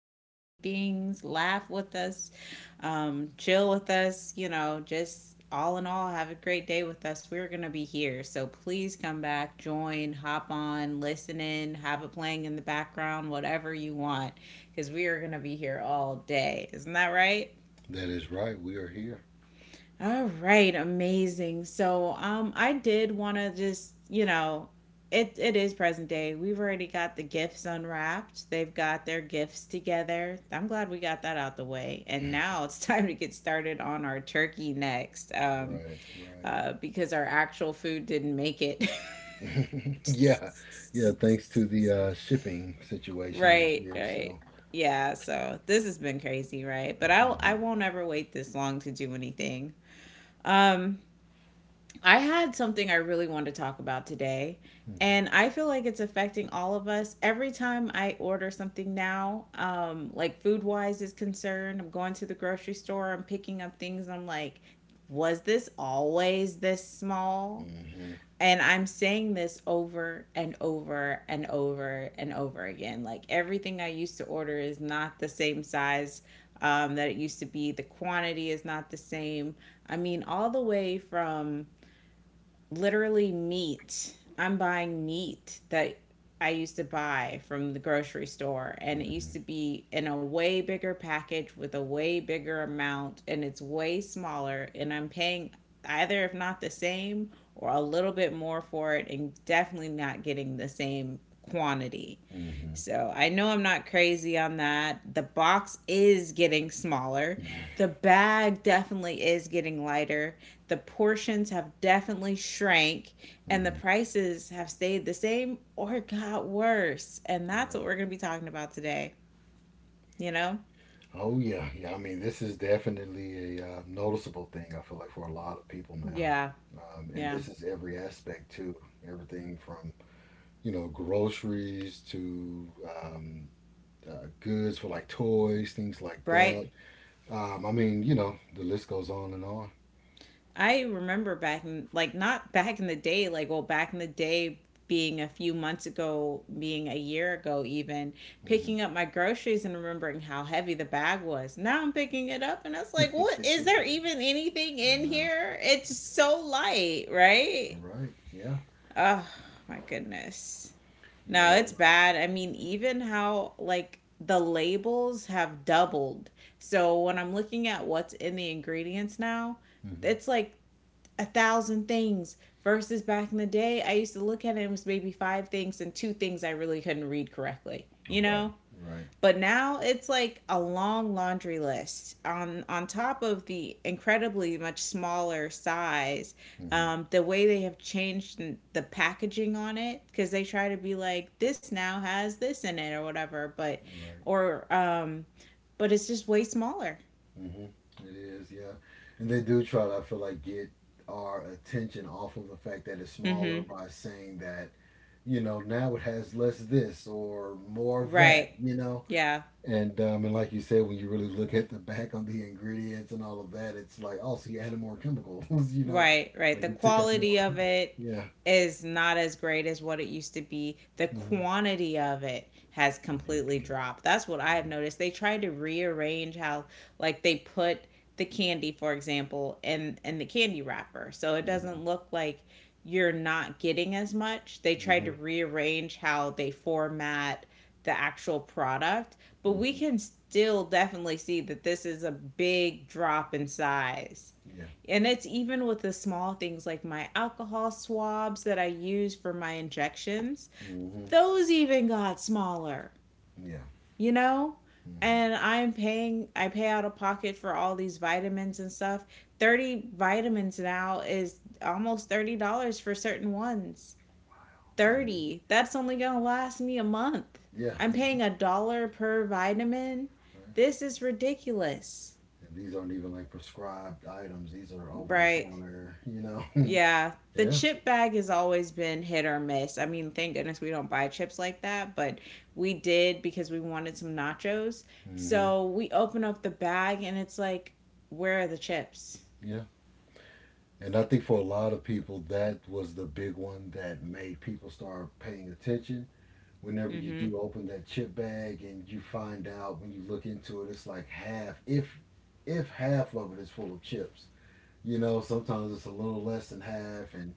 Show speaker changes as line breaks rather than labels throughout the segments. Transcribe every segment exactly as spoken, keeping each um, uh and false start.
some crazy things, laugh with us, um, chill with us, you know, just all in all, have a great day with us. We're going to be here. So please come back, join, hop on, listen in, have it playing in the background, whatever you want, because we are going to be here all day. Isn't that right?
That is right. We are here.
All right, amazing. So, um, I did want to just, you know, it it is present day. We've already got the gifts unwrapped. They've got their gifts together. I'm glad we got that out the way. And now it's time to get started on our turkey next, um,
Right,
uh, because our actual food didn't make it.
right. Yeah, yeah. Thanks to the uh, shipping situation this
Right,
year,
right.
so
Yeah, so this has been crazy, right? But I I
hmm
won't ever wait this long to do anything. Um, I had something I really want to talk about today,
okay.
and I feel like it's affecting all of us. Every time I order something now, um, like food wise is concerned, I'm going to the grocery store, I'm picking up things, I'm like, was this always this small?
hmm
And I'm saying this over and over and over and over again. Like everything I used to order is not the same size um, that it used to be. The quantity is not the same. I mean, all the way from literally meat. I'm buying meat that I used to buy from the grocery store, and it used
hmm
to be in a way bigger package with a way bigger amount, and it's way smaller, and I'm paying either if not the same or a little bit more for it, and definitely not getting the same quantity.
hmm
So I know I'm not crazy on that. The box is getting smaller. The bag definitely is getting lighter. The portions have definitely shrank, and the
hmm
prices have stayed the same or got worse. And that's what
Right.
we're going to be talking about today, you know?
Oh yeah, yeah. I mean, this is definitely a uh, noticeable thing, I feel like, for a lot of people now,
Yeah,
um, and
yeah.
this is every aspect too. Everything from you know groceries to um, uh, goods for like toys, things like that.
Bright.
Um, I mean, you know, the list goes on and on.
I remember back in like, not back in the day, like well back in the day being a few months ago, being a year ago even, picking
Hmm
up my groceries and remembering how heavy the bag was. Now I'm picking it up and I was like, what is there, even anything
I
in
know.
here? It's so light, right?
All right. Yeah.
Oh my goodness.
You
No,
know.
it's bad. I mean, even how like the labels have doubled. So when I'm looking at what's in the ingredients now, it's
Hmm
like a thousand things versus back in the day. I used to look at it and it was maybe five things and two things I really couldn't read correctly, you
Right,
know.
right,
But now it's like a long laundry list on on top of the incredibly much smaller size.
hmm
Um, the way they have changed the packaging on it, because they try to be like this now has this in it or whatever. But
right.
or um but it's just way smaller.
hmm It is, yeah. And they do try to, I feel like, get our attention off of the fact that it's smaller
Mm-hmm.
by saying that, you know, now it has less this or more of that,
Right.
you know?
Yeah,
And um, and like you said, when you really look at the back on the ingredients and all of that, it's like, oh, so you added more chemicals, you know,
right, right.
like
The
you took out more.
quality of it
Yeah.
is not as great as what it used to be. The
hmm
quantity of it has completely
Ridiculous.
dropped. That's what I have noticed. They tried to rearrange how, like they put the candy, for example, in in the candy wrapper. So it
Mm-hmm. Mm-hmm.
doesn't look like you're not getting as much. They tried to rearrange how they format the actual product, but
Mm-hmm.
we
hmm
can still definitely see that this is a big drop in size.
Yeah.
And it's even with the small things like my alcohol swabs that I use for my injections.
hmm
Those even got smaller,
Yeah.
you know?
hmm
And I'm paying, I pay out of pocket for all these vitamins and stuff. thirty vitamins now is almost thirty dollars for certain ones.
And the-
thirty. That's only going to last me a month.
yeah,
I'm paying
it-
a dollar per vitamin.
Right.
This is ridiculous.
And these aren't even like prescribed items. These are over the
Right.
counter, you know.
Yeah, the
Yeah.
chip bag has always been hit or miss. I mean, thank goodness we don't buy chips like that, but we did because we wanted some nachos.
hmm
So we open up the bag and it's like, where are the chips?
Yeah. And I think for a lot of people, that was the big one that made people start paying attention whenever
Mm
you
hmm.
do open that chip bag and you find out when you look into it, it's like half, if if half of it is full of chips. You know, sometimes it's a little less than half, and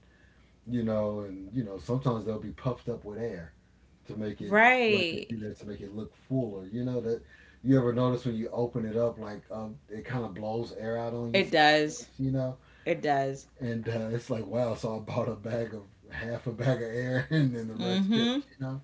you know, and you know, sometimes they'll be puffed up with air to make it, I feel like
Right.
they do that to make it look fuller. You know that, you ever notice when you open it up, like um, it kind of blows air out on you
It
sometimes.
does.
You know,
It does.
and uh, it's like wow, so I bought a bag of half a bag of air and then the
Mm
rest chips.
hmm.
You know.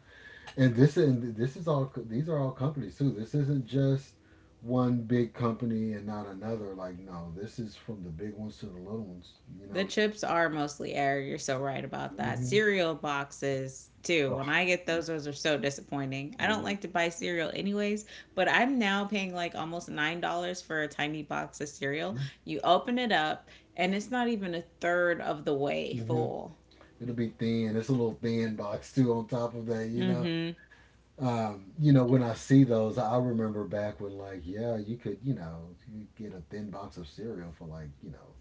And this and this is all these are all companies too. This isn't just one big company and not another. Like no, this is from the big ones to the little ones. You
The
know.
chips are mostly air. You're so right about that.
Hmm
Cereal boxes, too.
Oh,
When I get
yeah.
those, those are so disappointing. I don't
hmm
like to buy cereal anyways, but I'm now paying like almost nine dollars for a tiny box of cereal.
Yeah.
You open it up, and it's not even a third of the way
hmm
full.
It'll be thin. It's a little thin box too. On top of that, you
Mm
know.
hmm.
Um, you know, when I see those, I remember back when like yeah, you could you know you could get a thin box of cereal for like you know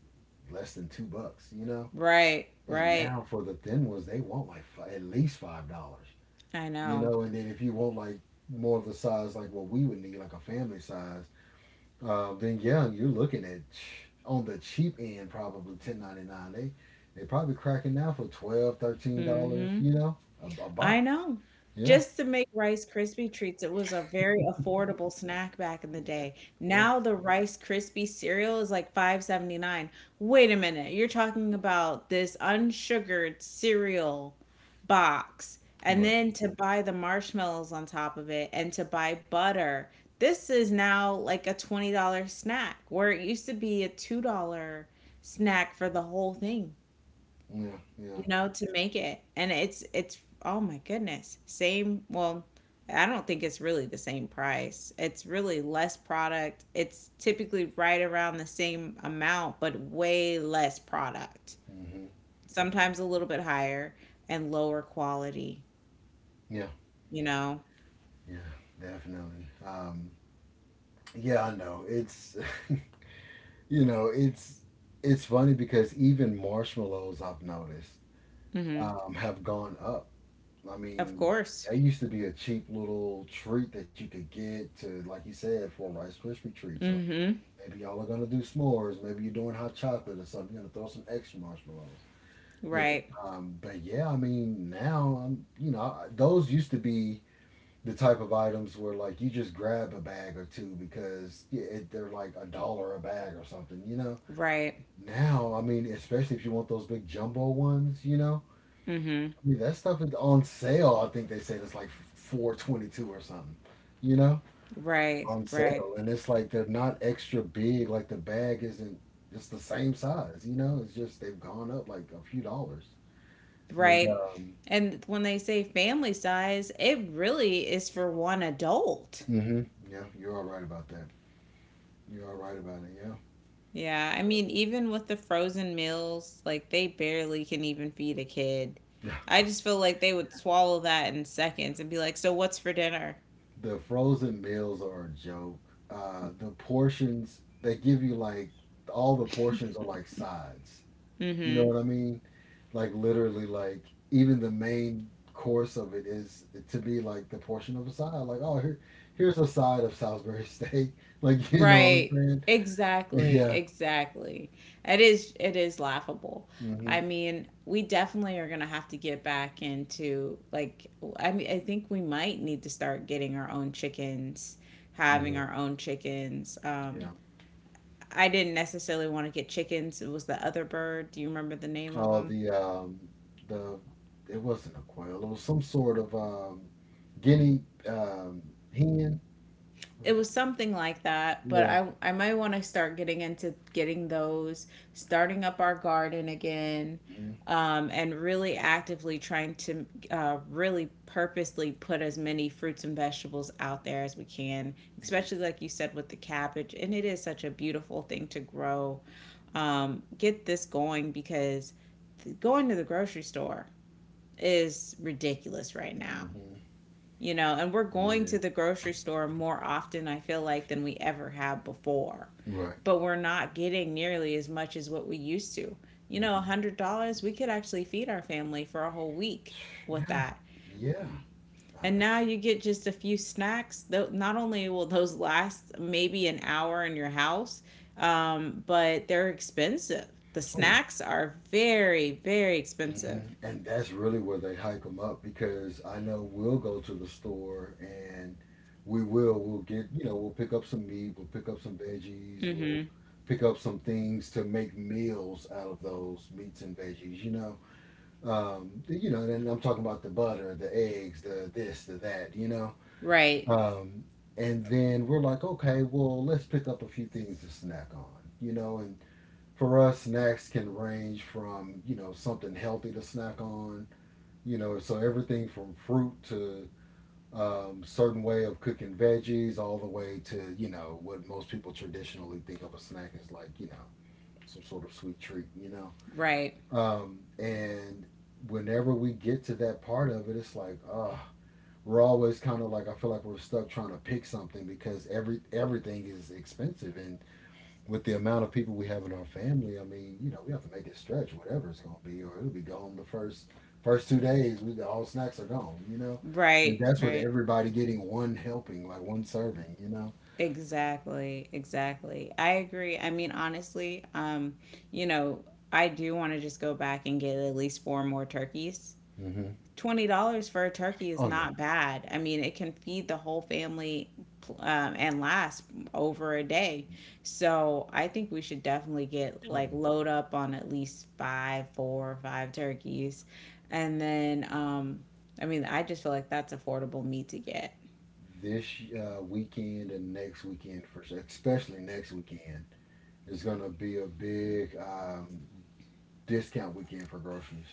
less than two bucks. You know.
Right,
And
right.
now for the thin ones, they want like fi at least five dollars,
I
you
know.
know. And then if you want like more of the size like what we would need, like a family size, uh, then yeah, you're looking at on the cheap end probably ten ninety-nine. They they probably cracking now for twelve, thirteen
Mm
dollars,
hmm.
you know, a, a
I
box.
know.
Yeah,
Just to make Rice Krispie treats, it was a very affordable snack back in the
yeah,
day.
yeah,
Now the Rice Krispie cereal is like five seventy nine. Wait a minute, you're talking about this unsugared cereal box, and
Right.
then to buy the marshmallows on top of it, and to buy butter. This is now like a twenty dollar snack, where it used to be a two dollar snack for the whole thing,
Yeah, yeah,
you know, to make it. And it's it's oh my goodness. Same, well, I don't think it's really the same price. It's really less product. It's typically right around the same amount, but way less product.
hmm
Sometimes a little bit higher and lower quality,
yeah,
you know.
yeah, definitely. Um, yeah, I know. It's you know, it's it's funny because even marshmallows I've noticed
Mhm.
um, have gone up. I
Of
mean,
course.
that used to be a cheap little treat that you could get to, like you said, for Rice Krispie treats. Or
Mhm.
maybe y'all are gonna do s'mores, maybe you're doing hot chocolate or something. You're gonna throw some extra marshmallows in it.
Right.
Um, but yeah, I mean, now I'm, you know, I- those used to be the type of items where like you just grab a bag or two because yeah, it, they're like a dollar a bag or something. You know.
Right.
Now, I mean, especially if you want those big jumbo ones, you know,
Mhm.
dude, that stuff is on sale. I think they said it's like four twenty-two or something, you know,
Right.
on
Right.
sale. And it's like they're not extra big. Like the bag isn't just the same size, you know, it's just they've gone up like a few dollars. And,
Right?
um,
And when they say family size, it really is for one adult.
hmm yeah, you're all right about that. You're all right about it, yeah.
Yeah, I mean, even with the frozen meals, like they barely can even feed a kid.
Yeah.
I just feel like they would swallow that in seconds and be like, "So what's for dinner?"
The frozen meals are a joke. Uh, the portions, they give you like all the portions are like sides. You know
Mm-hmm.
what I mean? Like literally, like even the main course of it is to be like the portion of a side. Like, oh, here, here's a side of Salisbury steak. Like, you know what I'm
Right.
saying?
Exactly.
Yeah.
Exactly. It is, it is laughable.
hmm
I mean, we definitely are going to have to get back into like, I mean, I think we might need to start getting our own chickens, having
hmm
our own chickens. Um,
Yeah.
I didn't necessarily want to get chickens. It was the other bird. Do you remember the name of
Oh,
them?
the um, the it wasn't a quail. It was some sort of um, guinea um, hen. Was
It
it?
was something like that, but
Yeah.
i i might want to start getting into getting those, starting up our garden again,
hmm
um, and really actively trying to uh, really purposely put as many fruits and vegetables out there as we can, especially like you said with the cabbage. And it is such a beautiful thing to grow. Um, get this going, because th- going to the grocery store is ridiculous right now,
hmm hmm
you know. And we're going to
Yeah.
the grocery store more often, I feel like, than we ever have before.
Right.
But we're not getting nearly as much as what we used to. You know, a
hmm
one hundred dollars we could actually feed our family for a whole week with
Yeah.
that.
Yeah. Uh,
And now you get just a few snacks. Though not only will those last maybe an hour in your house, um, but they're expensive. The
oh yeah.
snacks are very, very
hmm
expensive.
And that's really where they hike them up because I know we'll go to the store and we will we'll get you know we'll pick up some meat, we'll pick up some veggies,
Mm-hmm.
we'll pick up some things to make meals out of those meats and veggies. You know, um, you know, and I'm talking about the butter, the eggs, the this, the that. You know,
Right,
um, and then we're like, okay, well, let's pick up a few things to snack on. You know, and for us, snacks can range from you know something healthy to snack on, you know, so everything from fruit to um, certain way of cooking veggies, all the way to you know what most people traditionally think of a snack as, like you know some sort of sweet treat. You
right,
know, um, and whenever we get to that part of it, it's like oh, we're always kind of like I feel like we're stuck trying to pick something because every everything is expensive and with the amount of people we have in our family, I mean, you know, we have to make it stretch, whatever it's going to be, or it'll be gone the first first two days. We, all snacks are gone, you know. And
right,
that's with
right.
everybody getting one helping, like one serving, you know.
Exactly, exactly. I agree. I mean, honestly, um, you know, I do want to just go back and get at least four more turkeys.
Hmm
twenty dollars for a turkey is
Oh yeah,
not bad. I mean, it can feed the whole family pl- um, and last over a day. So I think we should definitely get
oh
like,
yeah.
load up on at least five, four or five turkeys. And then, um, I mean, I just feel like that's affordable meat to get.
This uh, weekend and next weekend for sure, especially next weekend, is going to be a big um, discount weekend for groceries.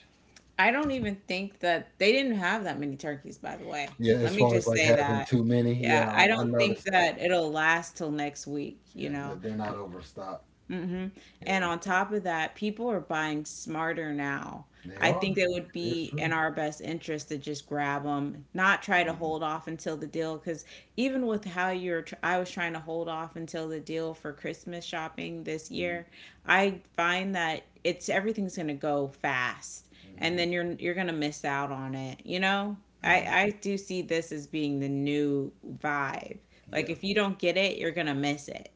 I don't even think that they didn't have that many turkeys, by the way.
Yeah,
Let
as
me
far as
just
like
say
having
that.
too many,
Yeah,
yeah, I,
I
I
don't think
noticed that.
that it'll last till next week, you
Yeah,
know.
that they're not
And
overstocked.
hmm. And
Yeah.
on top of that, people are buying smarter now.
They
I think
are.
it would
It is
be in
true.
our best interest to just grab them, not try to
Mhm,
hold off until the deal. Because even with how you're, tr- I was trying to hold off until the deal for Christmas shopping this
mhm,
year. I find that it's everything's going to go fast,
mhm,
and then you're you're going to miss out on it. You know, I
mhm.
I do see this as being the new vibe. Like
Yeah,
if you don't get it, you're going to miss it.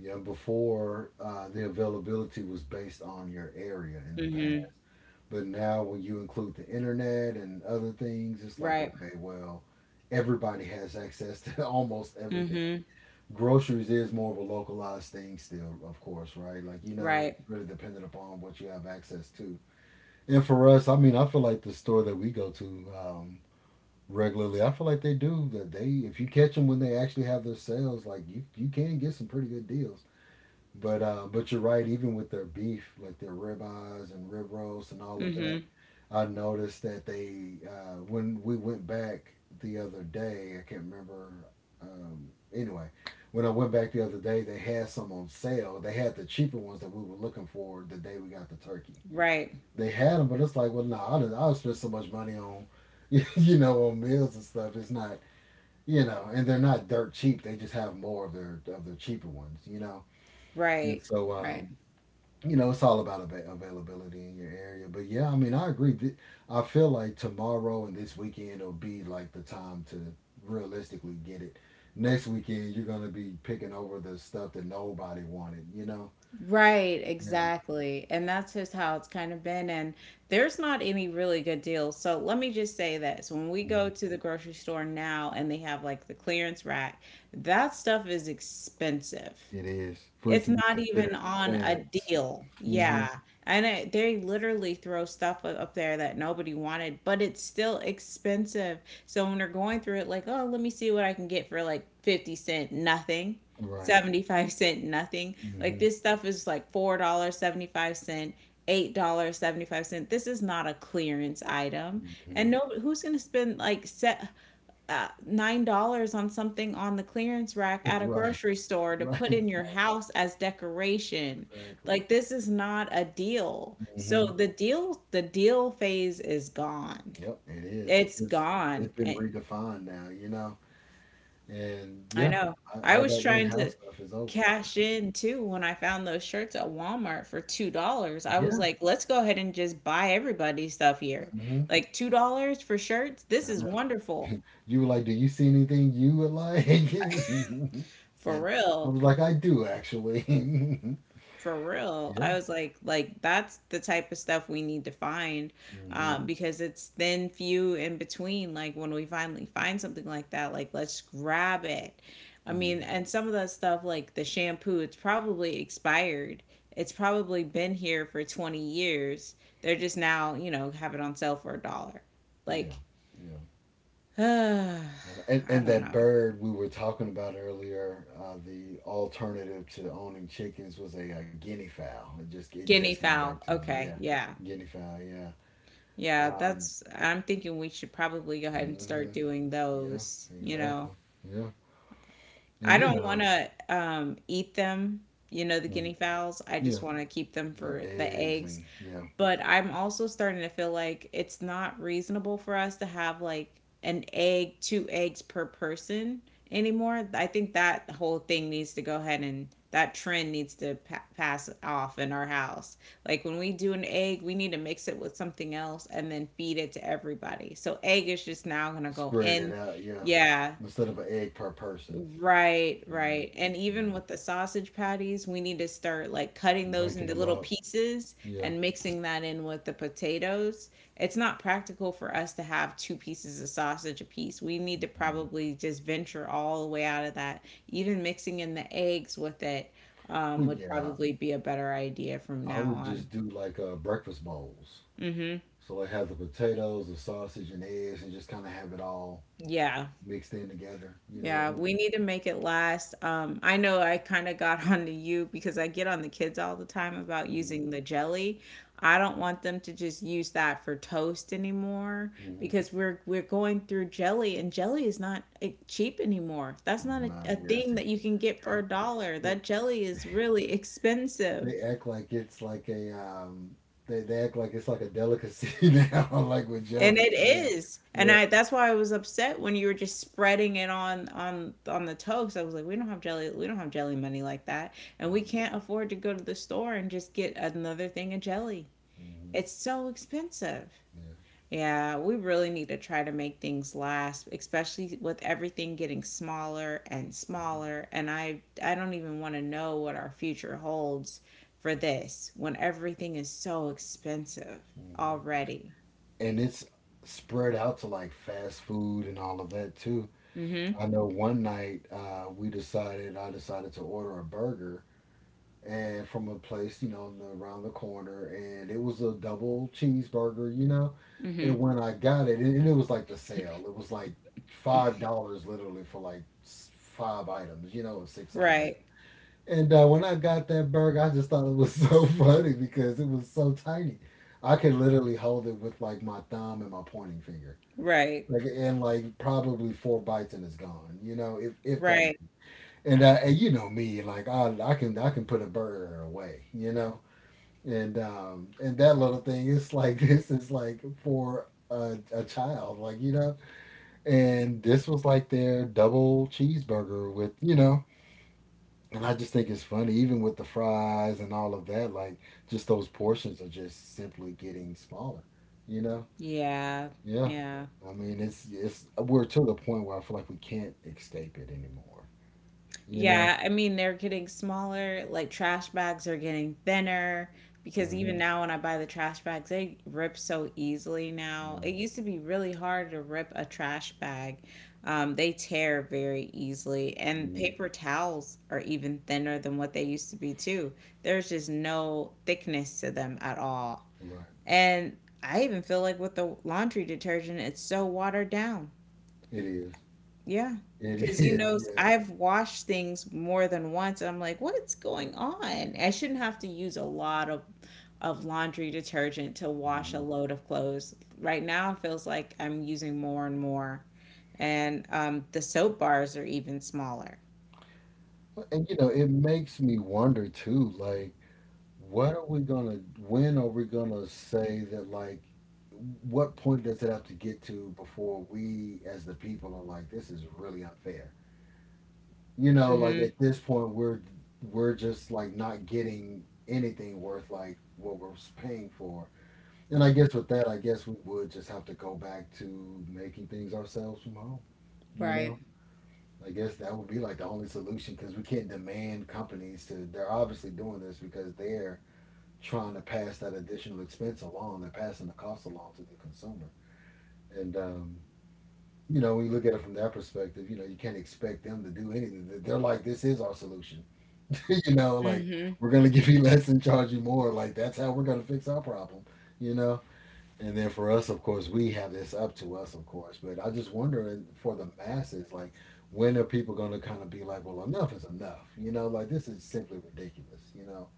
yeah. Before uh, the availability was based on your area in the past,
Hmm.
but now when you include the internet and other things, it's like
Right.
okay, well, everybody has access to almost everything.
Mm-hmm.
Groceries is more of a localized thing still, of course, right? Like you know,
Right.
it's really dependent upon what you have access to. And for us, I mean, I feel like the store that we go to, um, regularly. I feel like they do that. They, if you catch them when they actually have their sales, like you you can get some pretty good deals. But uh, but you're right. Even with their beef, like their ribeyes and rib roast and all of that,
Mm-hmm.
I noticed that they uh, when we went back the other day, I can't remember. Um, anyway, when I went back the other day, they had some on sale. They had the cheaper ones that we were looking for the day we got the turkey,
Right.
they had them, but it's like, well, no, nah, I'll, I spend so much money on, you know, on meals and stuff. It's not, you know, and they're not dirt cheap. They just have more of their of their cheaper ones, you know. And
Right.
so,
Right.
um, you know, it's all about ava availability in your area. But yeah, I mean, I agree. Th- I feel like tomorrow and this weekend will be like the time to realistically get it. Next weekend, you're gonna be picking over the stuff that nobody wanted, you know.
Right.
Yeah,
Exactly. And that's just how it's kind of been. And there's not any really good deals. So let me just say this. When we go
mhm.
to the grocery store now and they have like the clearance rack, that stuff is expensive.
It is for it
It's
to be
not even
considered
on a
clearance.
deal. Yeah.
Mhm.
And it, they literally throw stuff up up there that nobody wanted, but it's still expensive. So when they're going through it, like, oh, let me see what I can get for like fifty cent, nothing.
Right.
seventy-five cent, nothing. Like
Mhm.
this stuff is like four seventy-five, eight seventy-five. This is not a clearance item. And
Mhm.
no, who's going to spend like set uh, nine dollars on something on the clearance rack at a
Right,
grocery store to
right,
put in your
exactly,
house as decoration?
exactly.
Like this is not a deal. So
Mhm.
the deal, the deal phase is gone.
Yep, it is.
It's
It's
gone.
it's been
I,
redefined now, you know? And
I
yeah,
know.
I,
I
all
was
that
trying
in-house
to
stuff is over.
cash in too when I found those shirts at Walmart for two dollars. I was
Yeah.
like, let's go ahead and just buy everybody's stuff here.
Mhm.
Like two dollars for shirts. This is wonderful.
You were like, "Do you see anything you would like?"
For
And I
real.
was like, "I do actually."
For real. I
Yeah.
was like, like that's the type of stuff we need to find,
Mhm.
um, because it's thin, few in between. Like when we finally find something like that, like let's grab it. I mean,
Mhm.
and some of that stuff, like the shampoo, it's probably expired. It's probably been here for twenty years. They're just now, you know, have it on sale for a dollar.
Yeah.
Like,
Yeah.
I
And, and
don't
that
know.
bird we were talking about earlier, uh, the alternative to owning chickens was a, uh guinea fowl. It just it just
Guinea
came back
fowl.
to me.
Okay,
Yeah,
yeah.
guinea fowl. Yeah.
Yeah,
Um,
that's I'm thinking we should probably go ahead and start
hmm
doing
yeah.
those, you know.
Exactly. Yeah.
I
And you
don't want
know,
to um eat them, you know, the
mm,
guinea fowls. I
yeah,
just want to keep them
their
for the
eggs
eggs,
and yeah,
but I'm also starting to feel like it's not reasonable for us to have like an egg, two eggs per person anymore. I think that whole thing needs to go ahead and that trend needs to pa- pass off in our house. Like when we do an egg, we need to mix it with something else and then feed it to everybody. So egg is just now going to go
spread it
in.
out. Yeah,
Yeah,
instead of an egg per person.
right,
Right.
right. And
Yeah.
even with the sausage patties, we need to start like cutting those
Breaking
into
them
little
up.
pieces
Yeah.
and mixing that in with the potatoes. It's not practical for us to have two pieces of sausage a piece. We need to
Mhm.
probably just venture all the way out of that. Even mixing in the eggs with it um,
Well,
would
yeah.
probably be a better idea from
I
now
would
on.
just do like uh, breakfast bowls.
Mm-hmm.
So it has the potatoes, the sausage, and eggs, and just kind of have it all
Yeah.
mixed in together. You
Yeah,
know,
we need to make it last. Um, I know I kind of got onto you because I get on the kids all the time about
mhm,
using the jelly. I don't want them to just use that for toast anymore
mhm.
because we're we're going through jelly and jelly is not eh, cheap anymore. That's
It's
not a,
not.
a
Yes,
thing that you can get for a dollar.
they
That jelly is really expensive.
they act like it's like a um. They, they act like it's like a delicacy now, like with
And
jelly
it
and jam.
is. And
Yeah.
I that's why I was upset when you were just spreading it on on on the toast. I was like, we don't have jelly, we don't have jelly money like that. And we
Mm-hmm.
can't afford to go to the store and just get another thing of jelly. It's so expensive.
Yeah.
Yeah, we really need to try to make things last, especially with everything getting smaller and smaller. And I I don't even want to know what our future holds for this when everything is so expensive
hmm
already.
And it's spread out to like fast food and all of that too.
Mhm.
I know one night uh, we decided, I decided to order a burger and from a place, you know, around the corner, and it was a double cheeseburger, you know.
Mhm.
And when I got it, and and it was like the sale, it was like five dollars literally for like s- five items, you know, or six items.
Right,
And uh, when I got that burger, I just thought it was so funny because it was so tiny. I could literally hold it with like my thumb and my pointing finger.
right,
Like and like probably four bites and it's gone. You know, if if that.
right.
And I and you know me, like I I can I can put a burger away. You know, and um and that little thing is like this is like for a, a child, like, you know, and this was like their double cheeseburger with, you know, and I just think it's funny even with the fries and all of that, like, just those portions are just simply getting smaller, you know.
Yeah,
Yeah,
yeah.
i mean it's it's we're to the point where I feel like we can't escape it anymore, you know.
Yeah, I mean, they're getting smaller, like trash bags are getting thinner because even
hmm
now when I buy the trash bags, they rip so easily now.
yeah.
It used to be really hard to rip a trash bag. Um, they tear very easily, and
hmm
paper towels are even thinner than what they used to be too. There's just no thickness to them at all.
right.
And I even feel like with the laundry detergent, it's so watered down.
It is.
Yeah.
It
Because, you
is.
know,
Yeah.
I've washed things more than once. And I'm like, what's going on? I shouldn't have to use a lot of, of laundry detergent to wash a
Mm-hmm.
load of clothes. Right now, it feels like I'm using more and more. And um, the soap bars are even smaller.
Well, And you know, it makes me wonder too, like, what are we gonna, when are we gonna say that, like, what point does it have to get to before we as the people are like, this is really unfair? You know, like
Hmm.
at this point, we're we're just like not getting anything worth like what we're paying for. And I guess with that, I guess we would just have to go back to making things ourselves from home, you
Right.
know? I guess that would be like the only solution because we can't demand companies to. They're obviously doing this because they're trying to pass that additional expense along. They're passing the cost along to the consumer. And, um, you know, when you look at it from that perspective, you know, you can't expect them to do anything. They- They're like, this is our solution. You know, like,
Hmm.
we're going to give you less and charge you more. Like, that's how we're going to fix our problem, you know? And then for us, of course, we have this up to us, of course. But I just wondering for the masses, like, when are people going to kind of be like, well, enough is enough? You know, like this is simply ridiculous. You know,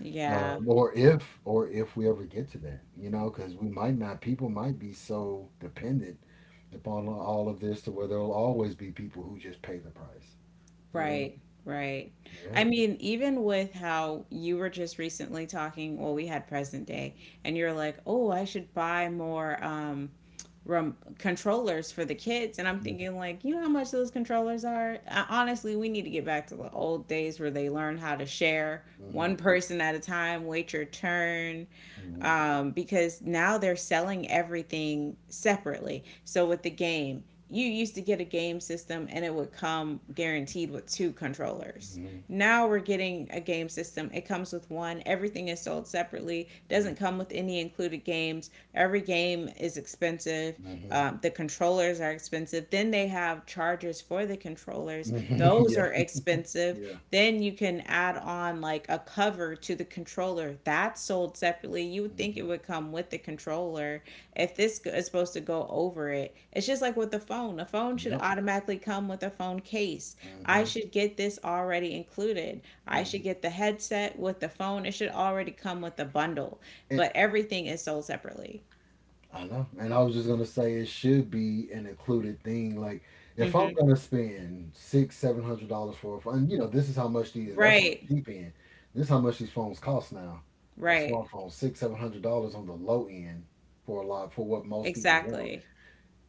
Yeah.
um, or if or if we ever get to that, you know, because we might not. People might be so dependent upon all of this to where there'll always be people who just pay the price. You know?
Right, right.
Yeah.
I mean, even with how you were just recently talking, well, we had present day, and you're like, oh, I should buy more um, rum- controllers for the kids. And I'm
Mm-hmm.
thinking, like, you know how much those controllers are? Uh, honestly, we need to get back to the old days where they learn how to share one person at a time, wait your turn,
Mm-hmm.
um, because now they're selling everything separately. So with the game, you used to get a game system and it would come guaranteed with two controllers.
Mm-hmm.
Now we're getting a game system. It comes with one. Everything is sold separately. Doesn't come with any included games. Every game is expensive.
Mm-hmm.
Um, the controllers are expensive. Then they have chargers for the controllers,
Mm-hmm.
those
Yeah.
are expensive.
Yeah.
Then you can add on like a cover to the controller. That's sold separately. You would think
Mm-hmm.
it would come with the controller if this is supposed to go over it. It's just like with the phone. A phone should
Yep.
automatically come with a phone case. I
Mm-hmm.
should get this already included. I
Mm-hmm.
should get the headset with the phone. It should already come with the bundle.
It,
But everything is sold separately.
I know. And I was just gonna say it should be an included thing. Like if I'm
Hmm.
gonna spend six, seven hundred dollars for a phone, and you know, this is how much these, and that's on
Right.
the cheap end. This is how much these phones cost now. A
Right.
smartphone, six, seven hundred dollars on the low end for a lot, for what most people want.
Exactly.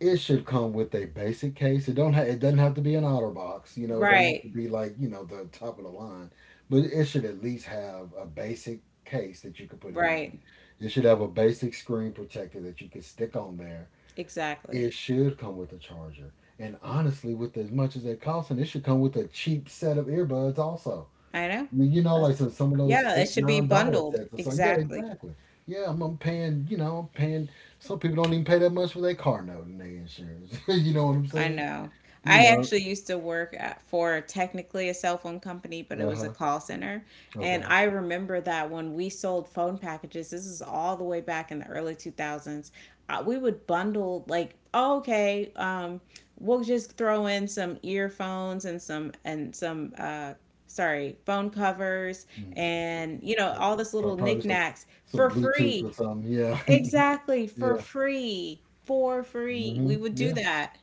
It should come with a basic case. It don't ha- it doesn't have to be an otter box, you know, it doesn't have to
Right.
be like, you know, the top of the line. But it should at least have a basic case that you could put it in.
Right.
It should have a basic screen protector that you could stick on there.
Exactly.
It should come with a charger. And honestly, with as much as it costs, and it should come with a cheap set of earbuds also.
I know.
I mean, you know, like
That's,
some some of those
yeah, it
eight
should be
nine dollar
bundled.
sets. It's like, yeah,
Exactly.
exactly. Yeah, I'm, I'm paying. You know, I'm paying. Some people don't even pay that much for their car note and their insurance. You know what I'm
I
saying?
know.
You
I
know.
actually used to work at, for technically a cell phone company, but it
Uh
was a
huh.
call center. And
Okay.
I remember that when we sold phone packages, this is all the way back in the early two thousands, uh, we would bundle like, oh, okay, um, we'll just throw in some earphones and some and some uh, sorry, phone covers,
Mm.
and you know,
So
all this
pro-
little
probably some
knickknacks
some
for
Bluetooth or
free.
something. Yeah.
Exactly, for
Yeah.
free. For free.
hmm
We would do
Yeah.
that.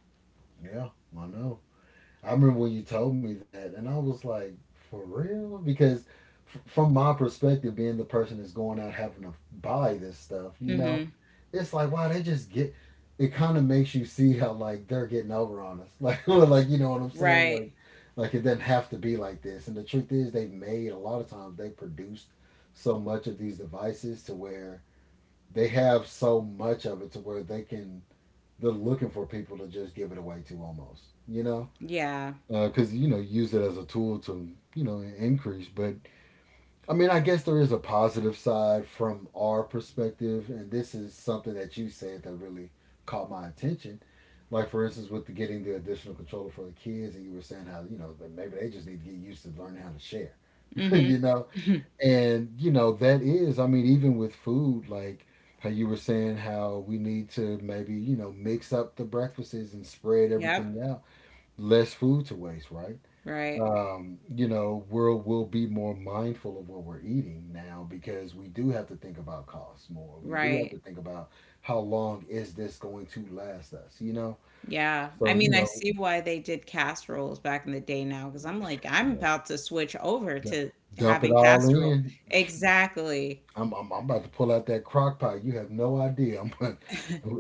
Yeah. I know. I remember when you told me that, and I was like, for real? Because f- from my perspective, being the person that's going out having to buy this stuff, you know,
Hmm.
it's like, wow, they just get. It kind of makes you see how like they're getting over on us, like, well, like, you know what I'm saying,
Right.
like, like it doesn't have to be like this. And the truth is, they've made a lot of times they produced so much of these devices to where they have so much of it to where they can, they're looking for people to just give it away to almost, you know,
Yeah.
because uh, you know, use it as a tool to, you know, increase. But I mean, I guess there is a positive side from our perspective, and this is something that you said that really caught my attention, like for instance with the getting the additional controller for the kids, and you were saying how you know that maybe they just need to get used to learning how to share,
Hmm.
you know. And you know that is, I mean, even with food, like how you were saying how we need to maybe, you know, mix up the breakfasts and spread
Yep.
everything out, less food to waste, right.
Right.
Um, you know, we'll we'll be more mindful of what we're eating now because we do have to think about costs more. We do have
Right.
to think about how long is this going to last us, you know?
Yeah. I
So, you
mean, I
know,
see why they did casseroles back in the day now, because I'm like, I'm
yeah,
about to switch over
d-
to
dump it
having
all
casserole.
in.
Exactly.
I'm, I'm I'm about to pull out that crock pot. You have no idea. I'm gonna,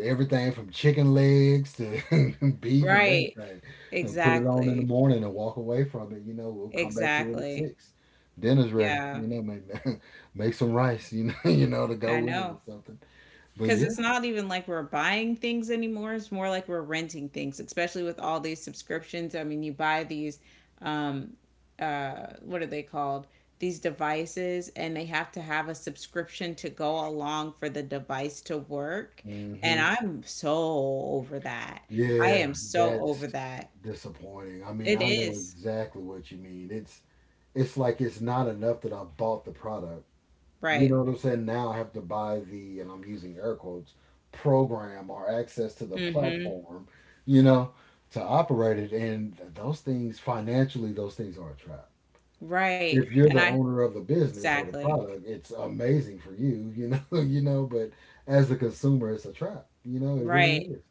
everything from chicken legs to beef and
Right.
everything. And put it on in the
Exactly.
morning and walk away from it. You know, we'll come back to it at
Exactly.
six. Dinner's ready.
Yeah.
You know, make make some rice. You know, you know, to go
I
with it or
know.
something. But
Because
yeah,
it's not even like we're buying things anymore. It's more like we're renting things, especially with all these subscriptions. I mean, you buy these, um, uh, what are they called? These devices, and they have to have a subscription to go along for the device to work. And
hmm
I'm so over that. I
yeah,
am so over
that's
that.
disappointing. I mean,
It
I know
is.
exactly what you mean. It's it's like it's not enough that I bought the product. You
Right.
know what I'm saying? Now I have to buy the, and I'm using air quotes, program or access to the
Mm-hmm.
platform, you know, to operate it. And those things, financially, those things are a trap.
Right.
If you're
And
the
I,
owner of the business or the
exactly.
product, it's amazing for you, you know, you know, but as a consumer, it's a trap. You know, it really
Right.
is.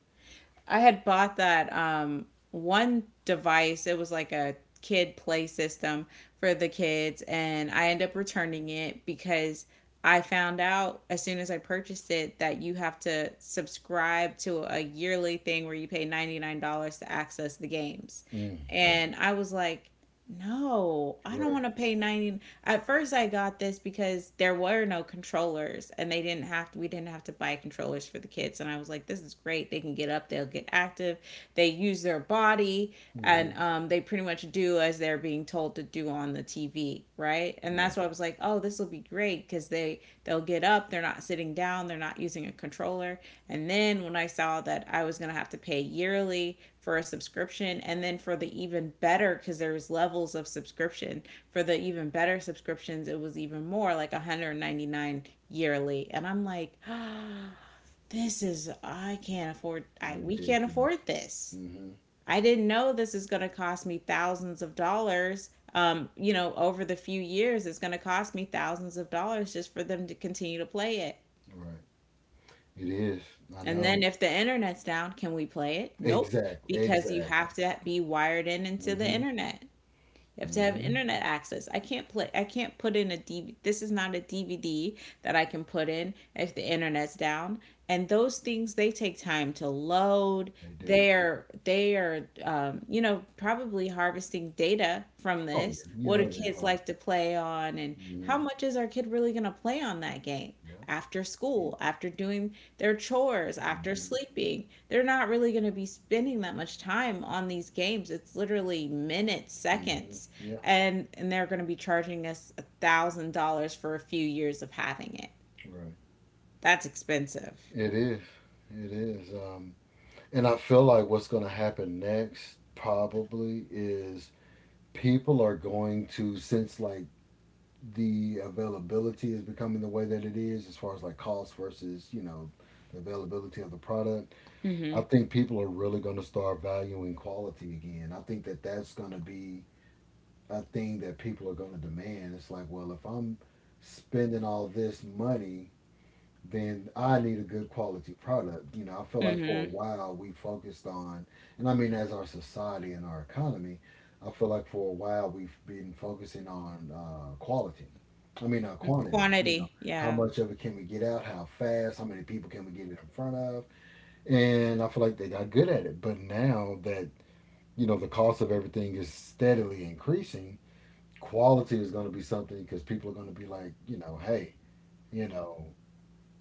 I had bought that um, one device. It was like a kid play system for the kids, and I ended up returning it because I found out as soon as I purchased it that you have to subscribe to a yearly thing where you pay ninety-nine dollars to access the games.
Mm. Mm.
And I was like, no, I don't
Right.
want to pay ninety. At first, I got this because there were no controllers, and they didn't have to. We didn't have to buy controllers for the kids, and I was like, "This is great. They can get up. They'll get active. They use their body, and
hmm
um, they pretty much do as they're being told to do on the T V, right?" And
Right.
that's why I was like, "Oh, this will be great because they they'll get up. They're not sitting down. They're not using a controller." And then when I saw that I was gonna have to pay yearly for a subscription, and then for the even better, because there's levels of subscription, for the even better subscriptions it was even more, like one hundred ninety-nine yearly, and I'm like, oh, this is, I can't afford, I, we can't
Ridiculous.
afford this.
hmm
I didn't know this is going to cost me thousands of dollars. Um, you know, over the few years it's going to cost me thousands of dollars just for them to continue to play it.
Right. It is. I
And then
know.
if the internet's down, can we play it? Nope,
Exactly.
because you
Exactly.
have to be wired in into the
hmm
internet. You have to have
hmm
internet access. I can't play. I can't put in a D V D. This is not a D V D that I can put in if the internet's down. And those things, they take time to load.
They do.
They're they are, um, you know, probably harvesting data from
Oh,
this.
yeah. You
What do
know they
kids
are.
like to play on, and
hmm
how much is our kid really gonna play on that game?
Yeah.
After school, after doing their chores, after
Mm-hmm.
sleeping. They're not really going to be spending that much time on these games. It's literally minutes,
hmm
seconds,
Yeah.
and and they're going to be charging us a thousand dollars for a few years of having it.
Right.
That's expensive.
It is. It is. Um, and I feel like what's going to happen next probably is people are going to, since like the availability is becoming the way that it is, as far as like cost versus, you know, the availability of the product, I
Mhm.
think people are really going to start valuing quality again. I think that that's going to be a thing that people are going to demand. It's like, well, if I'm spending all this money, then I need a good quality product. You know, I feel like for a
Mhm.
while we focused on, and I mean, as our society and our economy, I feel like for a while we've been focusing on uh, quality. I mean, uh, quantity, you know,
Quantity.
how
Yeah.
much of it can we get out, how fast, how many people can we get it in front of. And I feel like they got good at it. But now that, you know, the cost of everything is steadily increasing, quality is going to be something because people are going to be like, you know, hey, you know,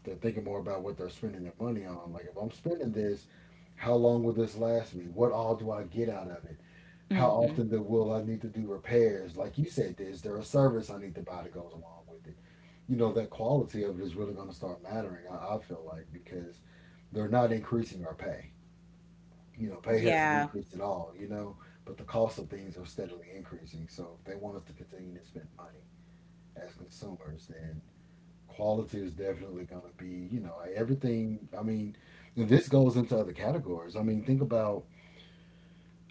they're thinking more about what they're spending their money on. Like, if I'm spending this, how long will this last me? What all do I get out of it? How
Mhm.
often do, will I need to do repairs? Like you said, is there a service I need to buy that goes along with it? You know, that quality of it is really going to start mattering, I, I feel like, because they're not increasing our pay. You know, pay hasn't
Yeah.
increased at all, you know, but the cost of things are steadily increasing. So if they want us to continue to spend money, as consumers, then quality is definitely going to be, you know, everything. I mean, and this goes into other categories. I mean, think about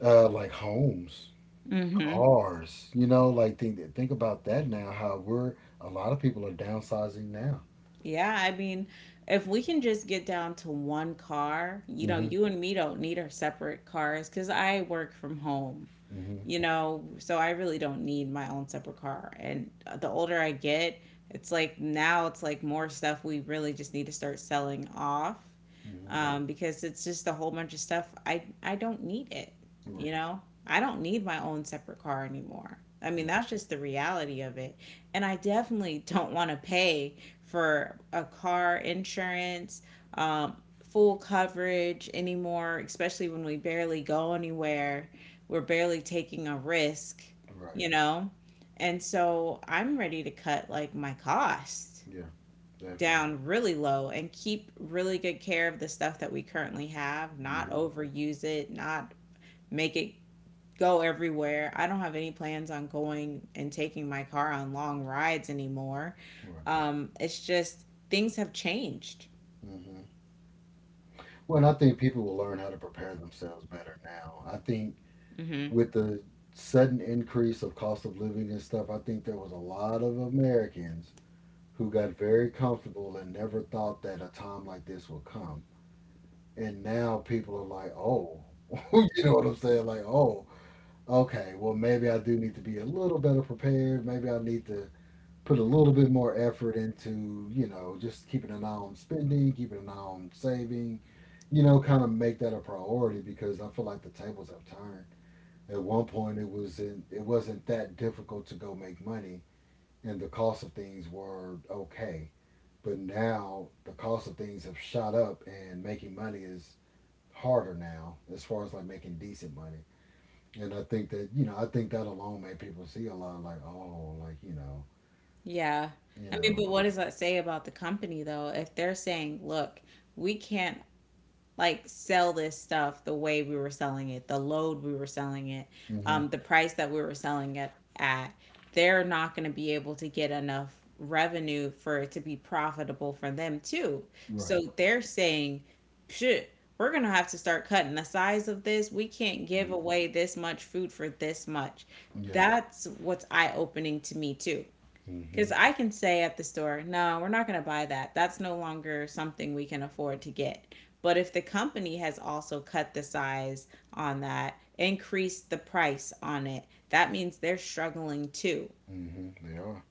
uh, like homes,
Mhm.
cars. You know, like think think about that now. How we're, a lot of people are downsizing now.
Yeah, I mean, if we can just get down to one car, you know,
Mm-hmm.
you and me don't need our separate cars because I work from home.
Mm-hmm.
You know, so I really don't need my own separate car. And the older I get, it's like now it's like more stuff we really just need to start selling off,
Mm-hmm.
um, because it's just a whole bunch of stuff I, I don't need it,
Right.
you know? I don't need my own separate car anymore. I mean,
Right.
that's just the reality of it. And I definitely don't want to pay for a car insurance, um, full coverage anymore, especially when we barely go anywhere. We're barely taking a risk,
Right.
you know? And so I'm ready to cut like my cost
Yeah. Definitely.
down really low and keep really good care of the stuff that we currently have, not
Mm-hmm.
overuse it, not make it go everywhere. I don't have any plans on going and taking my car on long rides anymore.
Right.
Um, it's just things have changed.
Mm-hmm. Well, and I think people will learn how to prepare themselves better now. I think
Hmm.
with the sudden increase of cost of living and stuff, I think there was a lot of Americans who got very comfortable and never thought that a time like this would come. And now people are like, oh, you know what I'm saying? Like, oh, okay, well, maybe I do need to be a little better prepared. Maybe I need to put a little bit more effort into, you know, just keeping an eye on spending, keeping an eye on saving, you know, kind of make that a priority because I feel like the tables have turned. At one point, it was in, it wasn't that difficult to go make money, and the cost of things were okay. But now the cost of things have shot up, and making money is harder now as far as like making decent money. And I think that you know, I think that alone made people see a lot like, oh, like you know,
Yeah.
you
I mean,
know,
but what does that say about the company though? If they're saying, look, we can't like sell this stuff the way we were selling it, the load we were selling it,
mm-hmm.
um, the price that we were selling it at, they're not going to be able to get enough revenue for it to be profitable for them too.
Right.
So they're saying, shit, we're going to have to start cutting the size of this. We can't give
Mm-hmm.
away this much food for this much.
Yeah.
That's what's eye opening to me too.
Mm-hmm.
Because I can say at the store, no, we're not going to buy that. That's no longer something we can afford to get. But if the company has also cut the size on that, increased the price on it, that means they're struggling too,
Mm-hmm. They are.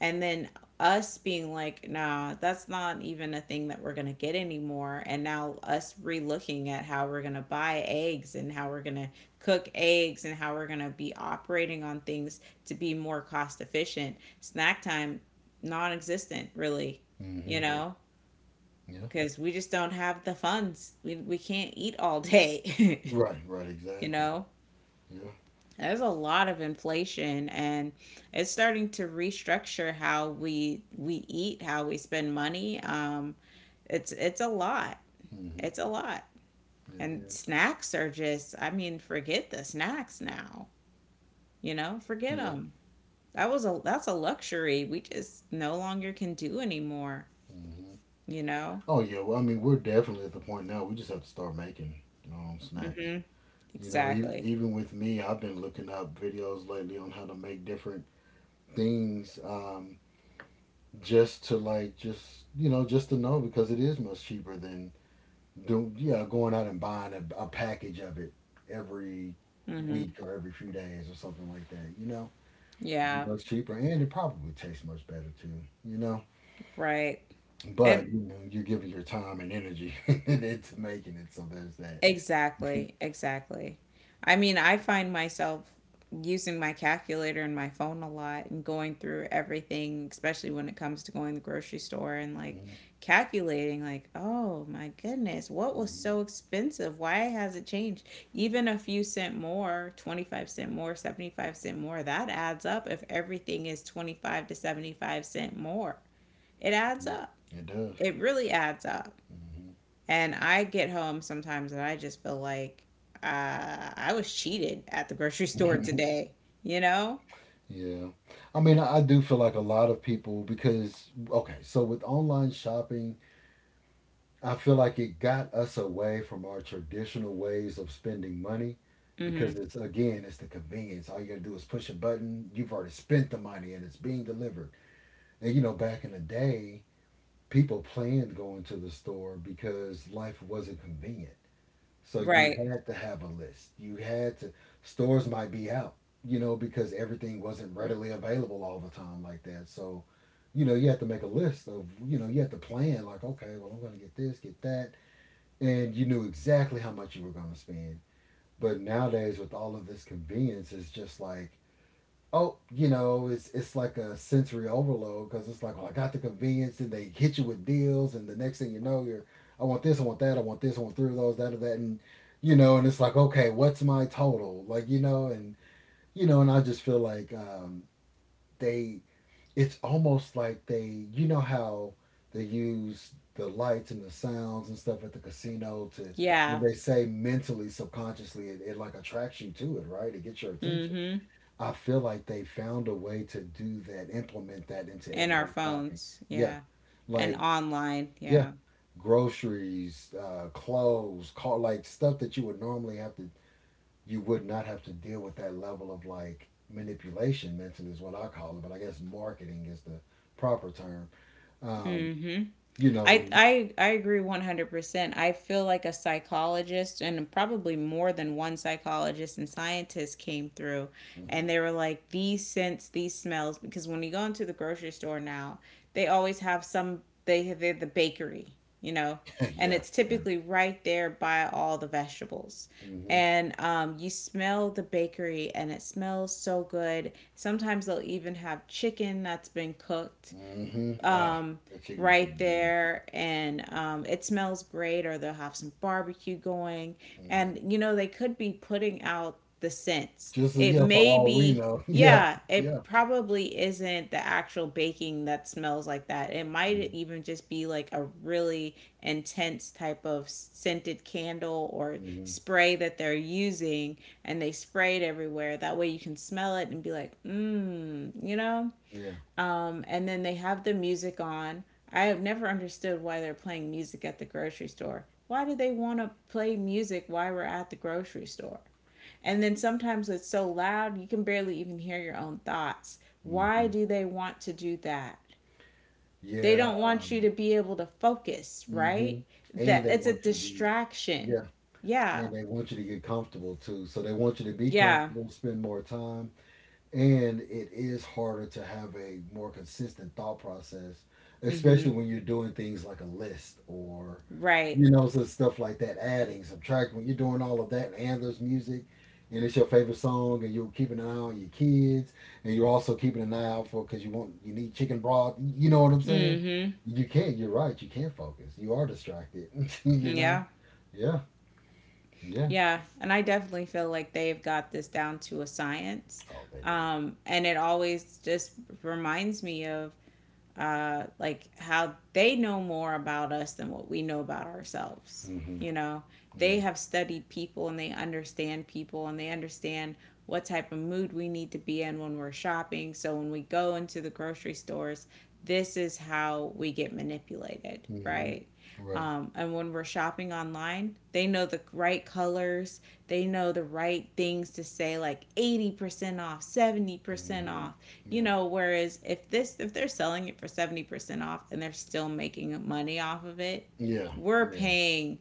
and then us being like, nah, that's not even a thing that we're going to get anymore, and now us relooking at how we're going to buy eggs and how we're going to cook eggs and how we're going to be operating on things to be more cost efficient. Snack time non-existent, really, you
Mm-hmm.
know,
Yeah.
because we just don't have the funds. We, we can't eat all day.
Right. Right.
You
Exactly.
know,
Yeah.
there's a lot of inflation, and it's starting to restructure how we we eat, how we spend money. Um it's it's a lot.
Mm-hmm.
It's a lot.
It
And
is.
snacks are just, I mean, forget the snacks now. You know, forget
Yeah.
them. That was a that's a luxury we just no longer can do anymore,
Mm-hmm.
you know?
Oh yeah, well, I mean, we're definitely at the point now. We just have to start making um, snacks.
Mhm.
You know, e-
Exactly.
even with me, I've been looking up videos lately on how to make different things, um, just to like, just you know, just to know because it is much cheaper than do yeah going out and buying a, a package of it every
Mhm.
week or every few days or something like that. You know, be
Yeah,
much cheaper and it probably tastes much better too. You know,
right. It
but you know, you're giving your time and energy into making it, so there's that. Mhm,
Exactly, exactly. I mean, I find myself using my calculator and my phone a lot and going through everything, especially when it comes to going to the grocery store and like calculating, like, oh my goodness, what was
mhm,
so expensive? Why has it changed? Even a few cent more, twenty-five cent more, seventy-five cent more, that adds up if everything is twenty-five to seventy-five cent more. It adds
mhm.
up.
It does.
It really adds up.
Hmm.
And I get home sometimes and I just feel like uh, I was cheated at the grocery store today, you know?
yeah. I mean, I I do feel like a lot of people, because, okay, so with online shopping, I feel like it got us away from our traditional ways of spending money
Mm-hmm.
because it's, again, it's the convenience. All you got to do is push a button. You've already spent the money and it's being delivered. And, you know, back in the day, people planned going to the store because life wasn't convenient. So you
Right.
had to have a list. You had to stores might be out, you know, because everything wasn't readily available all the time like that. So, you know, you had to make a list of, you know, you had to plan like, okay, well, I'm going to get this, get that, and you knew exactly how much you were going to spend. But nowadays with all of this convenience, it's just like oh, you know, it's it's like a sensory overload because it's like, well, I got the convenience, and they hit you with deals, and the next thing you know, you're, I want this, I want that, I want this, I want three of those, that or that, and you know, and it's like, okay, what's my total? Like, you know, and you know, and I just feel like um, they, it's almost like they, you know, how they use the lights and the sounds and stuff at the casino to,
Yeah.
and they say mentally, subconsciously, it, it like attracts you to it, right? It gets your attention.
Mm-hmm.
I feel like they found a way to do that, implement that into
And our
everyday shopping.
phones.
Yeah,
Yeah. And
like
online.
yeah,
Yeah.
groceries, uh, clothes, car, like stuff that you would normally have to, you would not have to deal with that level of like manipulation mentally is what I call it, but I guess marketing is the proper term. Um,
Mm-hmm.
you know,
I I I agree one hundred percent. I feel like a psychologist and probably more than one psychologist and scientist came through, and
mhm.
they were like, these scents, these smells, because when you go into the grocery store now, they always have some, they they're the bakery, you know, and
yeah,
it's
yeah.
typically right there by all the vegetables.
Hmm.
And um, you smell the bakery and it smells so good. Sometimes they'll even have chicken that's been cooked,
Hmm. Oh,
um,
that chicken was
right
something good.
there, and um, it smells great, or they'll have some barbecue going,
Hmm.
and you know, they could be putting out the scents.
Just a
It
yeah, for
may
all we
be,
know. Yeah,
yeah,
yeah.
it probably isn't the actual baking that smells like that. It might
Hmm.
even just be like a really intense type of scented candle or
Hmm.
spray that they're using, and they spray it everywhere that way you can smell it and be like, mmm, you know.
Yeah.
um, and then they have the music on. I have never understood why they're playing music at the grocery store. Why do they want to play music while we're at the grocery store? And then sometimes it's so loud you can barely even hear your own thoughts. Why
Hmm.
do they want to do that? They
Yeah.
don't want you
Um,
to be able to focus,
hmm.
right? That,
And they
it's a
want you to be, yeah,
distraction. Yeah.
and they want you to get comfortable too. So they want you to be
Yeah.
comfortable, spend more time, and it is harder to have a more consistent thought process, especially
Mhm.
when you're doing things like a list or
Right.
you know so stuff like that, adding, subtracting. When you're doing all of that, and there's music, and it's your favorite song, and you're keeping an eye on your kids, and you're also keeping an eye out for because you want you need chicken broth. You know what I'm saying?
Mhm.
You can't. You're right. You can't focus. You are distracted. you know?
Yeah.
Yeah. Yeah.
Yeah, and I definitely feel like they've got this down to a science.
Oh, they
Um, and it always just reminds me of, uh, like how they know more about us than what we know about
do.
ourselves.
Hmm.
You know, they
Yeah.
have studied people, and they understand people, and they understand what type of mood we need to be in when we're shopping. So when we go into the grocery stores, this is how we get manipulated,
Hmm.
right?
Right.
Um, and when we're shopping online, they know the right colors, they know the right things to say, like eighty percent off, seventy percent
Hmm.
off. You
Yeah.
know, whereas if this if they're selling it for seventy percent off and they're still making money off of it,
Yeah,
we're
yeah.
paying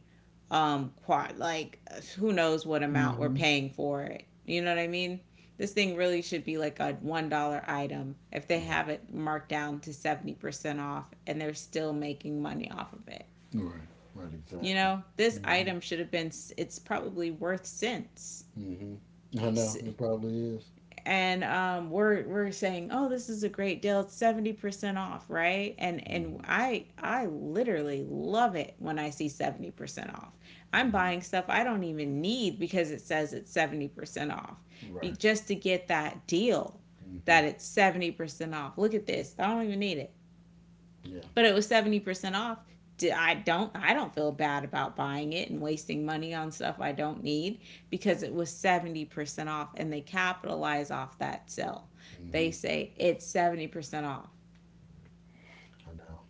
um quite like, who knows what amount we're
Hmm.
paying for it. You know what I mean? This thing really should be like a one dollar item if they
Right,
have it marked down to seventy percent off and they're still making money off of it.
right, right,
You
exactly.
know, this
Hmm.
item should have been, it's probably worth cents.
Hmm. I know, it probably is.
and um, we're we're saying, oh, this is a great deal. It's seventy percent off, right? And and
Hmm.
I I literally love it when I see seventy percent off. I'm
Hmm.
buying stuff I don't even need because it says it's seventy percent off, Be,
Right.
just to get that deal that
Hmm.
it's seventy percent off. Look at this. I don't even need it,
Yeah.
but it was seventy percent off. I don't I don't feel bad about buying it and wasting money on stuff I don't need because it was seventy percent off, and they capitalize off that sale. They
Hmm.
say it's seventy percent off.
I know.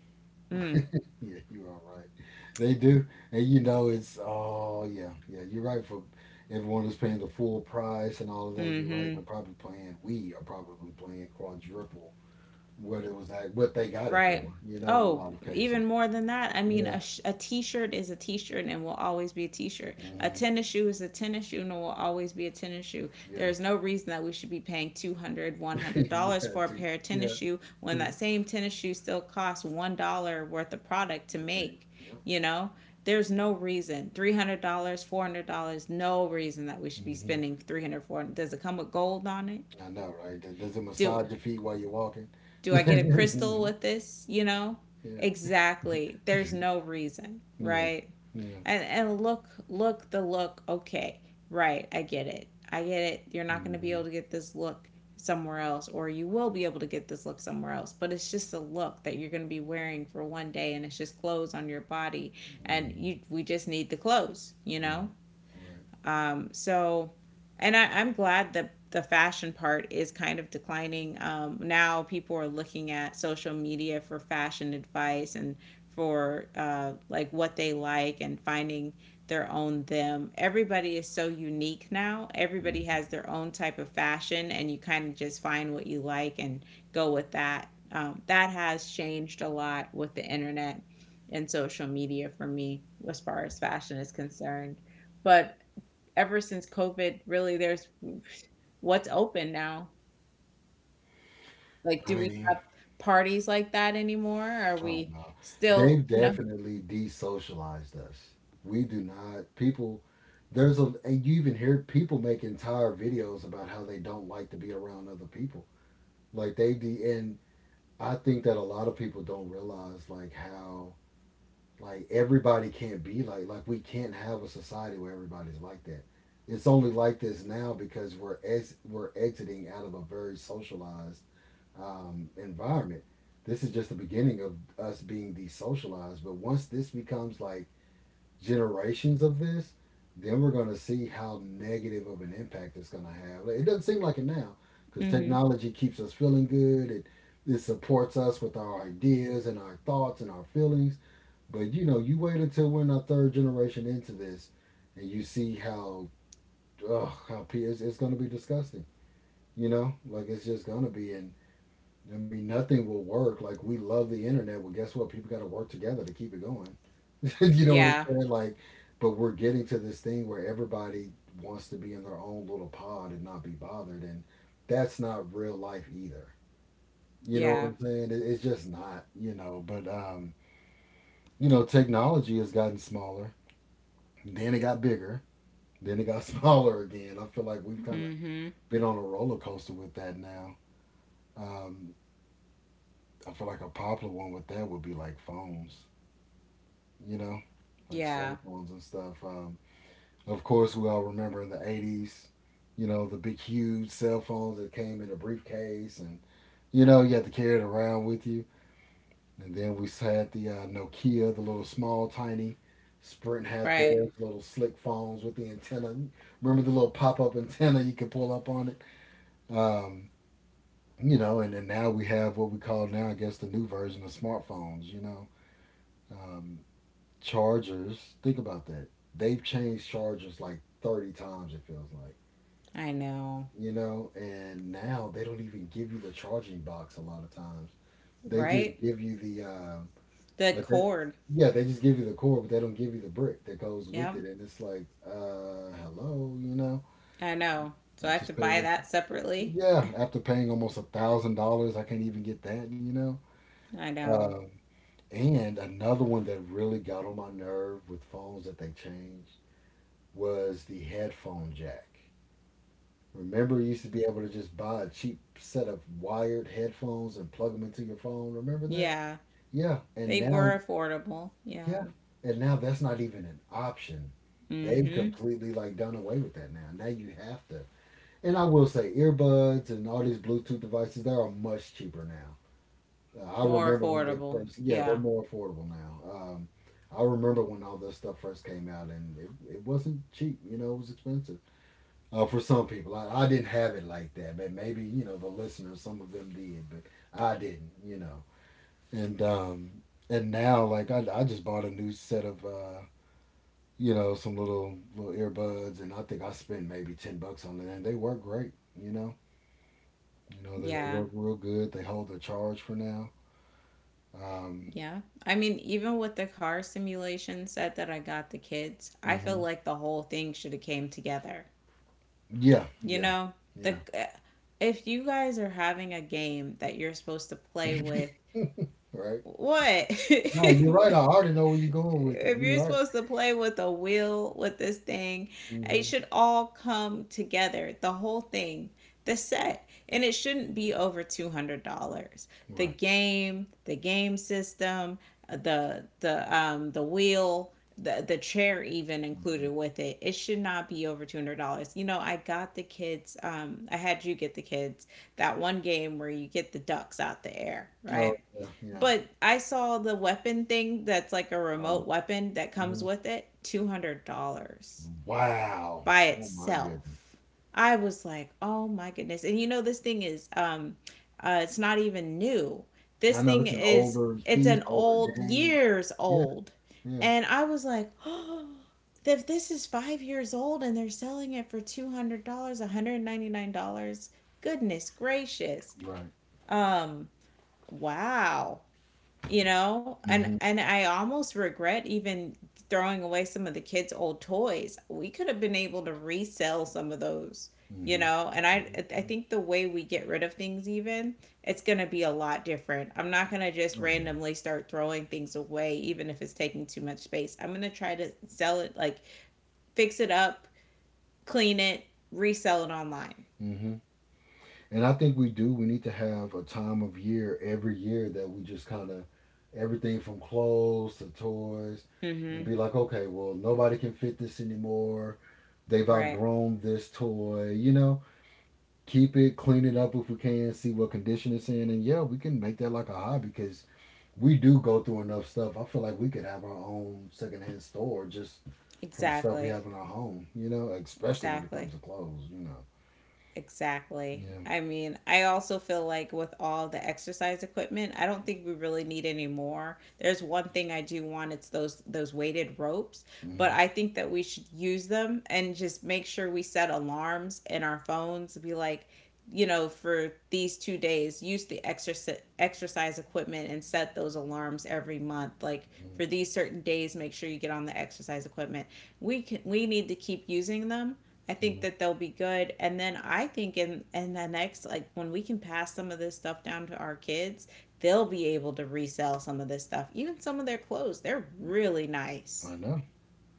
Mm,
Yeah, you are right. They do. And you know, it's, oh, yeah, yeah, you're right for everyone who's paying the full price and all of that. You're right.
mm-hmm.
They're probably playing, we are probably playing quadruple what it was like, what they got it
Right.
for, you know, in a
Oh,
lot of cases.
even more than that. I mean,
Yeah.
a, sh- a t shirt is a t shirt and will always be a t shirt. A
Hmm.
tennis shoe is a tennis shoe and will always be a tennis shoe. There
Yeah.
is no reason that we should be paying two hundred dollars, one hundred dollars
yeah,
for a
too.
pair of tennis
Yeah.
shoe when that same tennis shoe still costs one dollar worth of product to
Right.
make.
Yep.
You know, there's no reason. three hundred dollars, four hundred dollars, no reason that we should be
Hmm.
spending three hundred dollars, four hundred dollars. Does it come with gold on it?
I know, right? Does does it
Do
massage your feet while you're walking?
do I get a crystal with this? You know?
Yeah. Yeah.
Exactly. There's no reason,
Yeah.
right?
Yeah.
And and look, look the look. Okay. Right. I get it. I get it. You're not going to be
Hmm.
able to get this look somewhere else, or you will be able to get this look somewhere else, but it's just a look that you're going to be wearing for one day, and it's just clothes on your body, and
Hmm.
you we just need the clothes, you
Right.
know. um, so, and I, I'm glad that the fashion part is kind of declining. Um, now people are looking at social media for fashion advice and for, uh, like what they like, and finding their own them. Everybody is so unique now. Everybody
Right.
has their own type of fashion, and you kind of just find what you like and go with that. Um, that has changed a lot with the internet and social media for me as far as fashion is concerned. But ever since COVID, really, there's, what's open now? Like,
I
do we
mean,
have parties like that anymore? Are
I don't
we
know.
still,
They've
you know?
definitely desocialized us. We do not people. There's a and you even hear people make entire videos about how they don't like to be around other people. Like they de and I think that a lot of people don't realize like how like everybody can't be like like we can't have a society where everybody's like that. It's only like this now because we're ex- we're exiting out of a very socialized um, environment. This is just the beginning of us being desocialized. But once this becomes like generations of this, then we're going to see how negative of an impact it's going to have. Like, it doesn't seem like it now because
Hmm.
technology keeps us feeling good. It it supports us with our ideas and our thoughts and our feelings. But you know, you wait until we're in our third generation into this, and you see how ugh, how it's, it's gonna be disgusting. You know, like it's just gonna be, and I mean, nothing will work. Like we love the internet. Well, guess what? People got to work together to keep it going. you know what I'm
Yeah.
saying? Like, but we're getting to this thing where everybody wants to be in their own little pod and not be bothered, and that's not real life either. You know what
Yeah.
I'm saying? It, it's just not. You know, but um, you know, technology has gotten smaller. Then it got bigger. Then it got smaller again. I feel like we've kind of
Hmm.
been on a roller coaster with that now. Um, I feel like a popular one with that would be like phones, you know, like cell
Yeah.
phones and stuff. Um, of course, we all remember in the eighties, you know, the big, huge cell phones that came in a briefcase and, you know, you had to carry it around with you. And then we had the uh, Nokia, the little small, tiny. Sprint had
Right.
theirs, little slick phones with the antenna. Remember the little pop up antenna you could pull up on it? Um, you know, and, and now we have what we call now, I guess, the new version of smartphones, you know. Um, chargers, think about that. They've changed chargers like thirty times, it feels like,
I know.
you know, and now they don't even give you the charging box a lot of times. They just
Right?
give you the, uh,
The
like they,
cord.
yeah, they just give you the core, but they don't give you the brick that goes with
Yep.
it, and it's like, uh, hello, you know,
I know. So
I
I have to
just paid
buy
it.
that separately.
Yeah, after paying almost a thousand dollars, I can't even get that, you know.
I know.
Um, and another one that really got on my nerve with phones that they changed was the headphone jack. Remember, you used to be able to just buy a cheap set of wired headphones and plug them into your phone. Remember that?
Yeah.
Yeah, and
They
now
were affordable. Yeah.
yeah. And now that's not even an option.
mm
They've
hmm
completely like done away with that now. Now you have to. And I will say earbuds and all these Bluetooth devices, they are much cheaper now. Uh, I
More
remember when they
affordable.
first, yeah, they're
Yeah.
more affordable now. Um, I remember when all this stuff first came out and it, it wasn't cheap, you know, it was expensive. Uh, for some people, I, I didn't have it like that, but maybe, you know, the listeners, some of them did, but I didn't, you know. And, um, and now, like, I, I just bought a new set of, uh, you know, some little little earbuds, and I think I spent maybe ten bucks on it, and they work great. You know, you know they, they
Yeah.
work real good. They hold the charge for now. Um,
Yeah. I mean, even with the car simulation set that I got the kids, I feel
mhm.
like the whole thing should have came together.
Yeah,
You
yeah,
know, the
yeah.
eh, if you guys are having a game that you're supposed to play with,
Right.
what?
No, you're right.
What?
I already know where you're going with it.
If
You're
you're
right.
supposed to play with a wheel with this thing, it
Hmm.
should all come together, the whole thing, the set. And it shouldn't be over two hundred dollars. The
Right.
game, the game system, the the um the wheel, the the chair even
Hmm.
included with it. It should not be over two hundred dollars. You know, I got the kids um, I had you get the kids that one game where you get the ducks out the air,
Oh
right?
yeah, yeah.
But I saw the weapon thing that's like a
Oh,
remote weapon that comes
mhm.
with it, two hundred dollars
Wow.
by
Oh my goodness.
itself. I was like, "Oh my goodness." And you know this thing is um, uh it's not even new. This
I know
thing
it's an
is,
older
it's
piece,
an
older
old
game.
years
Yeah,
old.
yeah.
And I was like, "Oh, if this is five years old and they're selling it for two hundred dollars one hundred ninety-nine dollars goodness gracious."
Right.
Um wow, you know and
Hmm.
and i almost regret even throwing away some of the kids old toys. We could have been able to resell some of those, you
Hmm.
know. And i i think the way we get rid of things, even it's going to be a lot different. I'm not going to just
Oh yeah.
randomly start throwing things away even if it's taking too much space. I'm going to try to sell it, like fix it up, clean it, resell it online.
Hmm. And I think we do. We need to have a time of year every year that we just kind of everything from clothes to toys and
Mhm.
be like, okay, well, nobody can fit this anymore. They've
Right.
outgrown this toy, you know? Keep it, clean it up if we can, see what condition it's in. And yeah, we can make that like a hobby because we do go through enough stuff. I feel like we could have our own secondhand store just from stuff we
Exactly.
have in our home, you know? Especially when it comes
Exactly.
to clothes, you know?
Exactly.
Yeah.
I mean, I also feel like with all the exercise equipment, I don't think we really need any more. There's one thing I do want, it's those those weighted ropes, but
Hmm.
I think that we should use them and just make sure we set alarms in our phones to be like, you know, for these two days, use the exercise exercise equipment and set those alarms every month. Like
Hmm.
for these certain days, make sure you get on the exercise equipment. We can we need to keep using them. I think
Hmm.
that they'll be good. And then I think in in the next, like, when we can pass some of this stuff down to our kids, they'll be able to resell some of this stuff. Even some of their clothes, they're really nice.
I know.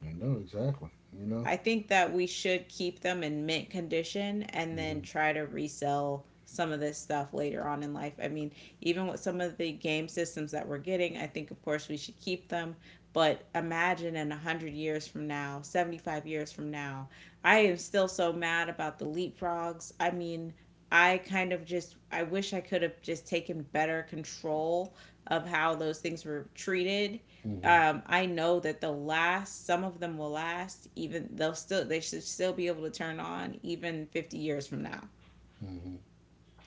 I know exactly. You know.
I think that we should keep them in mint condition and then
Mhm.
try to resell some of this stuff later on in life. I mean, even with some of the game systems that we're getting, I think of course we should keep them. But imagine in one hundred years from now, seventy-five years from now. I am still so mad about the leapfrogs. I mean, I kind of just, I wish I could have just taken better control of how those things were treated.
Mhm.
um, I know that they'll last. Some of them will last. Even they'll still they should still be able to turn on even fifty years from now.
Mhm.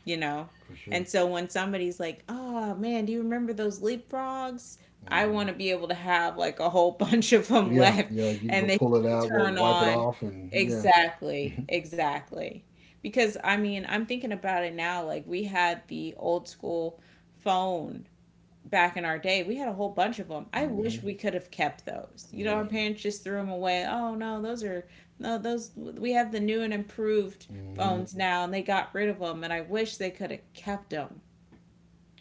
You know.
For sure.
And so when somebody's like, "Oh man, do you remember those leapfrogs?" I want
Mhm.
to be able to have like a whole bunch of them
Yeah.
left,
Yeah. You can go
and they
pull it
still
out. Well,
turn
wipe it
on.
off, and yeah.
Exactly. Exactly. Because I mean, I'm thinking about it now. Like we had the old school phone back in our day, we had a whole bunch of them. I
Mhm.
wish we could have kept those. You know,
Yeah.
our parents just threw them away. Oh no, those are no those. We have the new and improved
Mhm.
phones now, and they got rid of them. And I wish they could have kept them.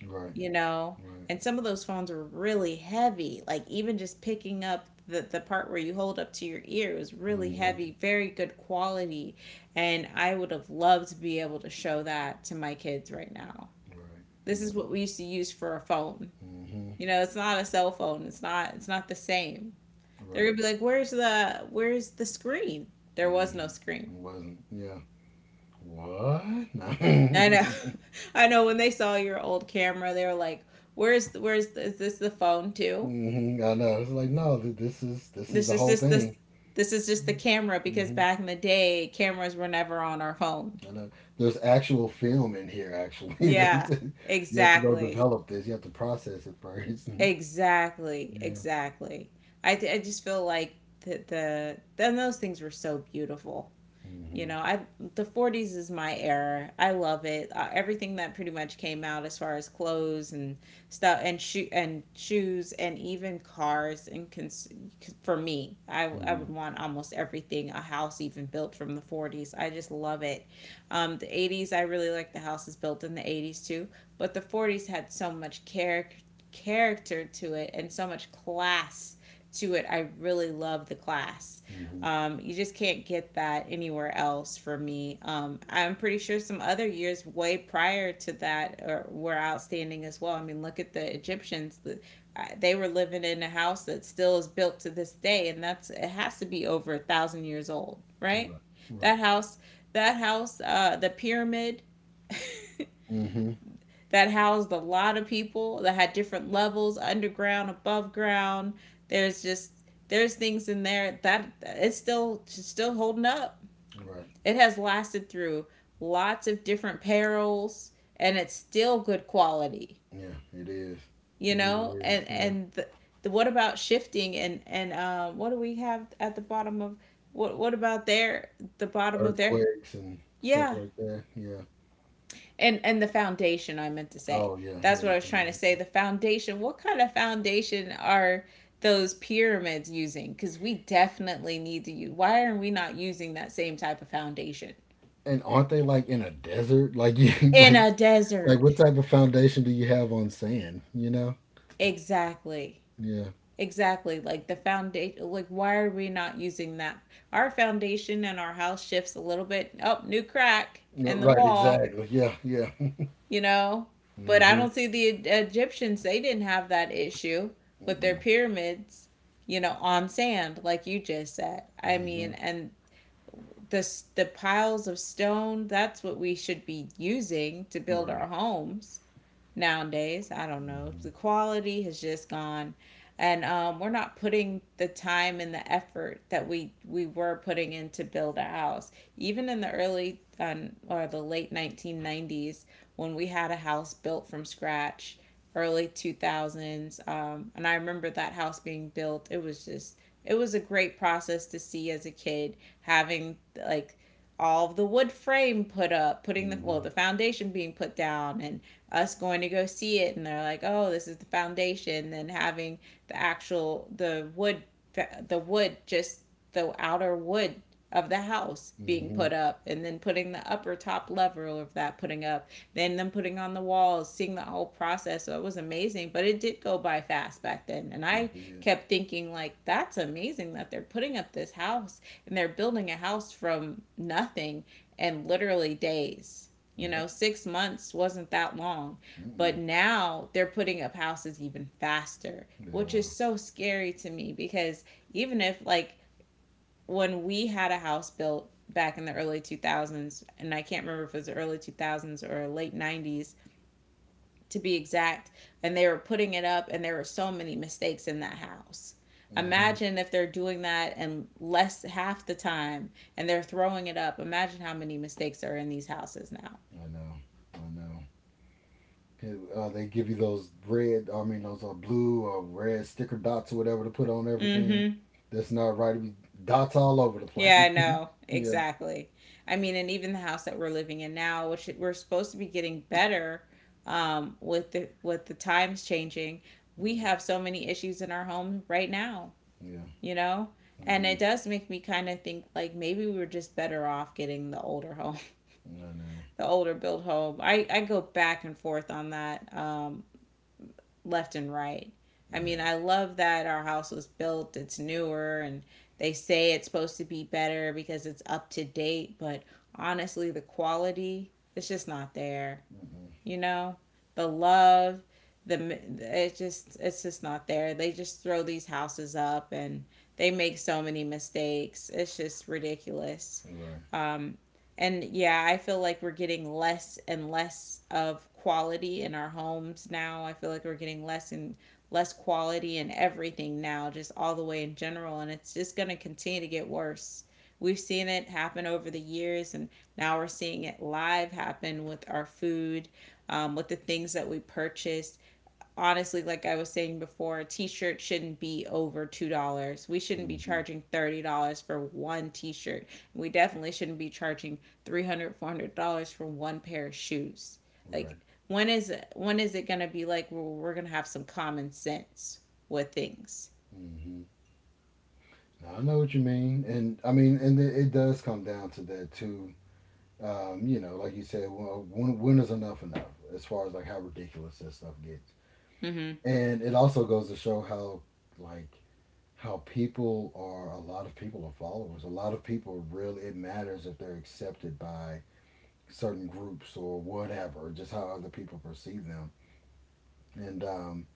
Right.
You know,
Right.
and some of those phones were really heavy. Like even just picking up the the part where you hold up to your ear was really
Mhm.
heavy. Very good quality, and I would have loved to be able to show that to my kids right now.
Right.
This
Yeah.
is what we used to use for a phone,
Mhm.
you know, it's not a cell phone. It's not it's not the same. They're
Right.
gonna be like, "Where's the where's the screen?" There was no
Mhm. It
screen.
wasn't. Yeah. What?
I
No.
know. I know when they saw your old camera, they were like, "Where's the, where's the, is this the phone too?"
Mhm. I know. It's like no. th- This is this is
This
the
is
whole
just this
thing.
this is just the camera because back in the day cameras were never on our phone.
I know. There's actual film in here, actually.
Yeah,
There's- you have to go
exactly.
develop this. You have to process it first. Yeah.
Exactly. Exactly. I, th- I just feel like the, the then those things were so beautiful, you
Mm-hmm.
know. I The forties is my era. I love it. Uh, everything that pretty much came out as far as clothes and stuff and shoe and shoes and even cars and cons- for me, I, I
Hmm.
would want almost everything, a house even built from the forties. I just love it. Um, the eighties, I really like the houses built in the eighties too, but the forties had so much character character to it and so much class to it. I really love the class.
Hmm.
Um, you just can't get that anywhere else for me. Um, I'm pretty sure some other years way prior to that are, were outstanding as well. I mean, look at the Egyptians. The, uh, they were living in a house that still is built to this day, and that's, it has to be over a thousand years old, right?
Right.
That
Right.
house, that house, uh, the pyramid
Hmm.
that housed a lot of people that had different levels, underground, above ground. There's just, there's things in there that it's still still holding up.
Right.
It has lasted through lots of different perils, and it's still good quality.
Yeah, it is.
You
It really
know.
is.
and
Yeah.
and the, the what about shifting and and uh, what do we have at the bottom of, what what about their, the bottom of their,
Earthquakes and stuff
yeah,
like that. Yeah.
and and the foundation, I meant to say.
Oh, yeah. Yeah,
That's what
the
I was trying to say.
foundation.
The foundation. What kind of foundation are those pyramids using? Because we definitely need to use. Why are we not using that same type of foundation
And aren't they like in a desert? Like you
in
like
a
like what
desert?
type of foundation do you have on sand, you know?
Exactly.
Yeah.
Exactly. Like the foundation. Like why are we not using that? Our foundation and our house shifts a little bit. Oh, new crack in the
Right,
wall.
exactly. Yeah, yeah.
You know? But I
Hmm.
don't see the E- Egyptians, they didn't have that issue with their pyramids, you know, on sand, like you just said. I mean,
Hmm.
and the, the piles of stone, that's what we should be using to build
Hmm.
our homes nowadays. I don't know.
Mm-hmm.
The quality has just gone, and um, we're not putting the time and the effort that we we were putting in to build a house. Even in the early um, or the late nineteen nineties, when we had a house built from scratch, early two thousands, um, and I remember that house being built. It was just, it was a great process to see as a kid, having, like, all of the wood frame put up, putting the well,
Mm-hmm.
the foundation being put down and us going to go see it, and they're like, "Oh, this is the foundation." Then having the actual the wood the wood just the outer wood of the house being
Mm-hmm.
put up, and then putting the upper top level of that putting up, then them putting on the walls, seeing the whole process. So it was amazing, but it did go by fast back then. And
They
I
did.
kept thinking like that's amazing that they're putting up this house and they're building a house from nothing, in literally days. You know,
Yep.
six months wasn't that long.
Mm-mm.
But now they're putting up houses even faster,
They
which is
are.
so scary to me because even if, like, when we had a house built back in the early two thousands, and I can't remember if it was the early two thousands or late nineties to be exact, and they were putting it up, and there were so many mistakes in that house.
Mm-hmm.
Imagine if they're doing that and less half the time and they're throwing it up. Imagine how many mistakes are in these houses now.
I know. I know. Here, Uh, they give you those red, I mean those uh, blue or red sticker dots or whatever to put on
Mm
everything.
hmm.
That's not right. We dots all over the
Yeah,
place.
I know.
Yeah.
Exactly. I mean, and even the house that we're living in now, which we're supposed to be getting better um, with the with the times changing, we
Mhm.
have so many issues in our home right now,
Yeah.
you know?
We
And it
do.
does make me kind of think like maybe we were just better off getting the older home,
I know.
the older built home. I, I go back and forth on that. Um, left and right. I mean,
Yeah.
I love that our house was built, it's newer, and they say it's supposed to be better because it's up to date, but honestly, the quality, it's just not there,
Mm-hmm.
you know, the love, the it's just it's just not there. They just throw these houses up and they make so many mistakes. It's just ridiculous.
Right.
Um, and yeah, I feel like we're getting less and less of quality in our homes now. I feel like we're getting less and less quality in everything now, just all the way in general. And it's just going to continue to get worse. We've seen it happen over the years, and now we're seeing it live happen with our food, um, with the things that we purchased. Honestly, like I was saying before, a t shirt shouldn't be over two dollars. We shouldn't be
Mm-hmm.
charging thirty dollars for one t shirt. We definitely shouldn't be charging three hundred dollars four hundred dollars for one pair of shoes.
Right.
Like, when is when is it gonna be like, well, we're gonna have some common sense with things?
Mm-hmm. I know what you mean, and I mean, and it, it does come down to that too. um, you know, like you said, well, when, when is enough enough as far as like how ridiculous this stuff gets.
Mm-hmm.
And it also goes to show how like how people are. A lot of people are followers. A lot of people really it matters if they're accepted by certain groups or whatever, just how other people perceive them. And um,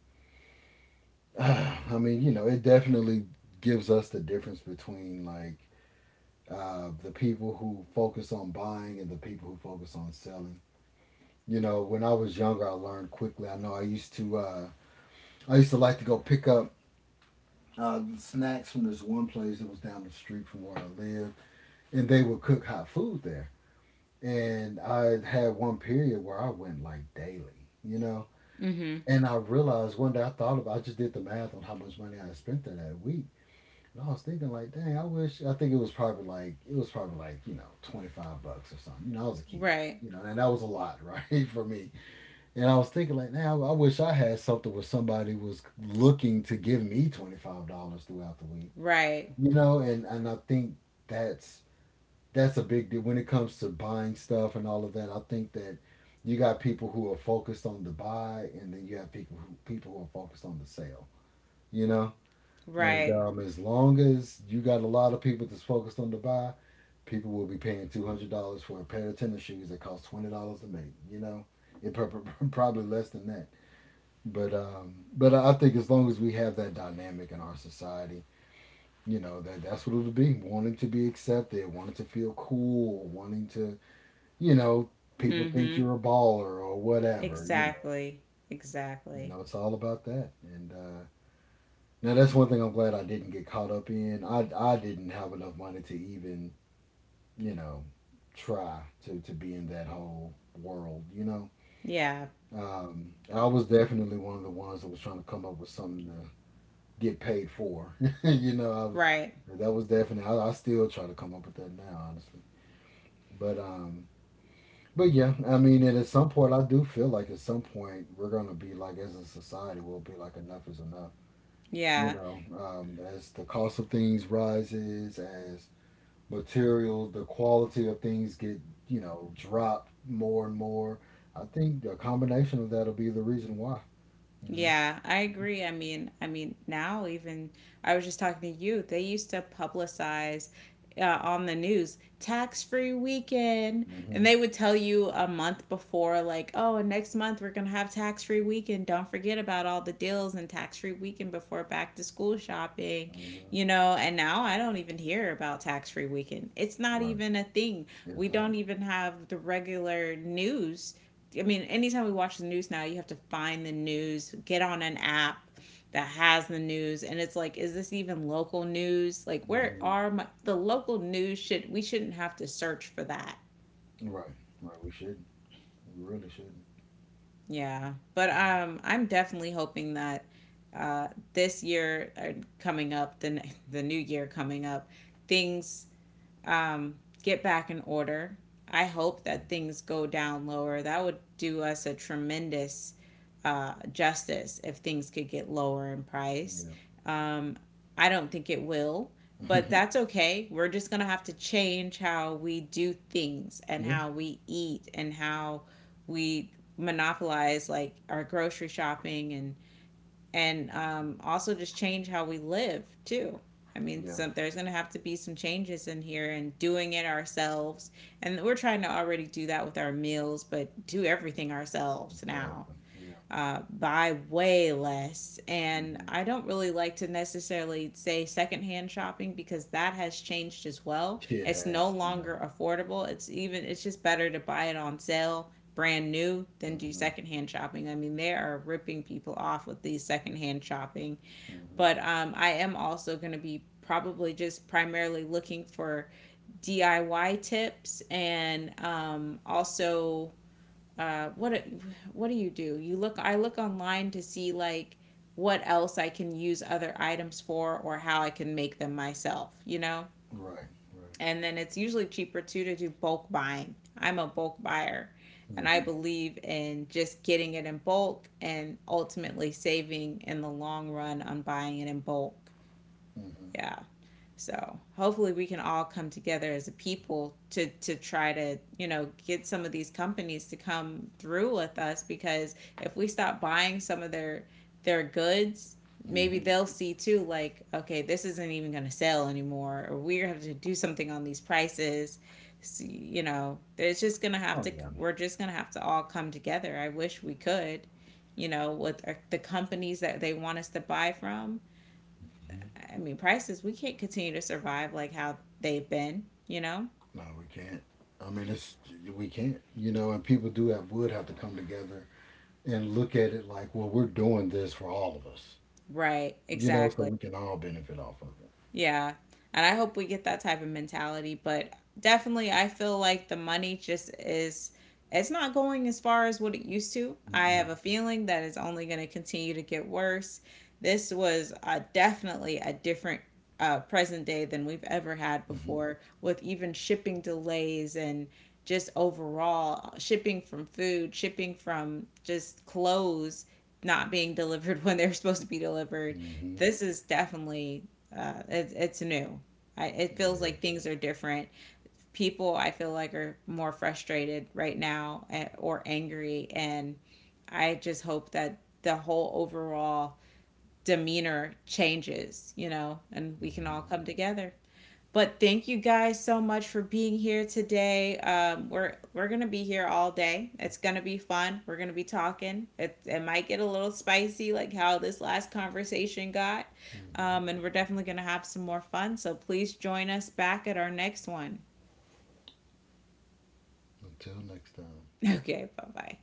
I mean, you know, it definitely gives us the difference between like uh, the people who focus on buying and the people who focus on selling. You know, when I was younger, I learned quickly. I know I used to, uh, I used to like to go pick up uh, snacks from this one place that was down the street from where I lived, and they would cook hot food there. And I had one period where I went like daily, you know.
Mm-hmm.
And I realized one day I thought about, I just did the math on how much money I had spent there that week. And I was thinking like, dang, I wish. I think it was probably like it was probably like you know twenty five bucks or something. You know, I was a kid.
Right.
You know, and that was a lot, right, for me. And I was thinking like, now I wish I had something where somebody was looking to give me twenty five dollars throughout the week.
Right.
You know, and and I think that's that's a big deal when it comes to buying stuff and all of that. I think that you got people who are focused on the buy, and then you have people who people who are focused on the sale. You know, and
Right.
um, as long as you got a lot of people that's focused on the buy, people will be paying two hundred dollars for a pair of tennis shoes that cost twenty dollars to make. You know, it prob- probably less than that. But um, but I think as long as we have that dynamic in our society, you know that that's what it'll be. Wanting to be accepted, wanting to feel cool, wanting to you know people think
Mm-hmm.
you're a baller or whatever. You know,
Exactly.
you
Exactly.
know it's all about that. And uh, now that's one thing I'm glad I didn't get caught up in. I I didn't have enough money to even you know try to to be in that whole world. You know,
Yeah.
um, I was definitely one of the ones that was trying to come up with something to get paid for. You know, I was
Right.
that was definitely. I, I still try to come up with that now, honestly. But um but yeah, I mean and at some point I do feel like at some point we're gonna be like as a society we'll be like enough is enough. You
Yeah.
know, um as the cost of things rises, as material, the quality of things get, you know, dropped more and more. I think a combination of that'll be the reason why, you know.
Yeah, I agree. I mean, I mean, now even I was just talking to you. They used to publicize uh, on the news tax-free weekend, and
Mm-hmm.
they would tell you a month before, like, oh, and next month we're gonna have tax-free weekend. Don't forget about all the deals and tax-free weekend before back to school shopping,
Hmm.
you know. And now I don't even hear about tax-free weekend. It's not
Right.
even a thing.
It's
We don't
not.
even have the regular news. I mean, anytime we watch the news now, you have to find the news, get on an app that has the news, and it's like, is this even local news? Like, where
Hmm.
are my the local news? Should we shouldn't have to search for that?
Right. Right. We should We really should.
Yeah, but um, I'm definitely hoping that uh, this year uh, coming up, the the new year coming up, things um, get back in order. I hope that things go down lower. That would do us a tremendous uh, justice if things could get lower in price.
Yeah.
Um, I don't think it will, but that's okay. We're just going to have to change how we do things and
Yeah.
how we eat and how we monopolize, like, our grocery shopping, and and
Mhm.
um, also just change how we live too. I mean,
Yeah.
some, there's going to have to be some changes in here and doing it ourselves. And we're trying to already do that with our meals, but do everything ourselves now,
Exactly. Yeah.
uh, buy way less. And
Hmm.
I don't really like to necessarily say secondhand shopping because that has changed as well.
It
It's no
has. Yeah.
longer affordable. It's even, it's just better to buy it on sale brand new than do
Hmm.
secondhand shopping. I mean, they are ripping people off with these secondhand shopping.
Hmm.
But um, I am also going to be probably just primarily looking for D I Y tips, and um, also uh, what what do you do? You look. I look online to see like what else I can use other items for or how I can make them myself, you know.
Right. Right.
And then it's usually cheaper too to do bulk buying. I'm a bulk buyer. And I
Hmm.
believe in just getting it in bulk and ultimately saving in the long run on buying it in bulk.
Hmm.
Yeah. So hopefully we can all come together as a people to to try to, you know, get some of these companies to come through with us, because if we stop buying some of their their goods, maybe
Hmm.
they'll see too, like, okay, this isn't even going to sell anymore, or we have to do something on these prices. So, you know, it's just going to have
Oh
to
yeah.
we're just going to have to all come together. I wish we could, you know, with our, the companies that they want us to buy from.
Hmm.
I mean, prices, we can't continue to survive like how they've been, you know?
No, we can't. I mean, it's, we can't. You know, and people do have would have to come together and look at it like, well, we're doing this for all of us.
Right,
You know, so
exactly.
we can all benefit off of it.
Yeah. And I hope we get that type of mentality. But definitely, I feel like the money just is, it's not going as far as what it used to. I have
Mm-mm.
a feeling that it's only going to continue to get worse. This was uh, definitely a different uh, present day than we've ever had
Mm-hmm.
before, with even shipping delays and just overall shipping from food, shipping from just clothes not being delivered when they're supposed to be delivered.
Mm-hmm.
This is definitely uh, it, it's new. I, it
It
feels like
is.
things are different. People, I feel like, are more frustrated right now, eh, or angry, and I just hope that the whole overall demeanor changes, you know, and we can all
Mm-hmm.
come together. But thank you guys so much for being here today. Um, we're we're gonna be here all day. It's gonna be fun. We're gonna be talking. It, it might get a little spicy, like how this last conversation got.
Mm-hmm.
Um, and we're definitely gonna have some more fun. So please join us back at our next one.
Until next time.
Okay, bye bye.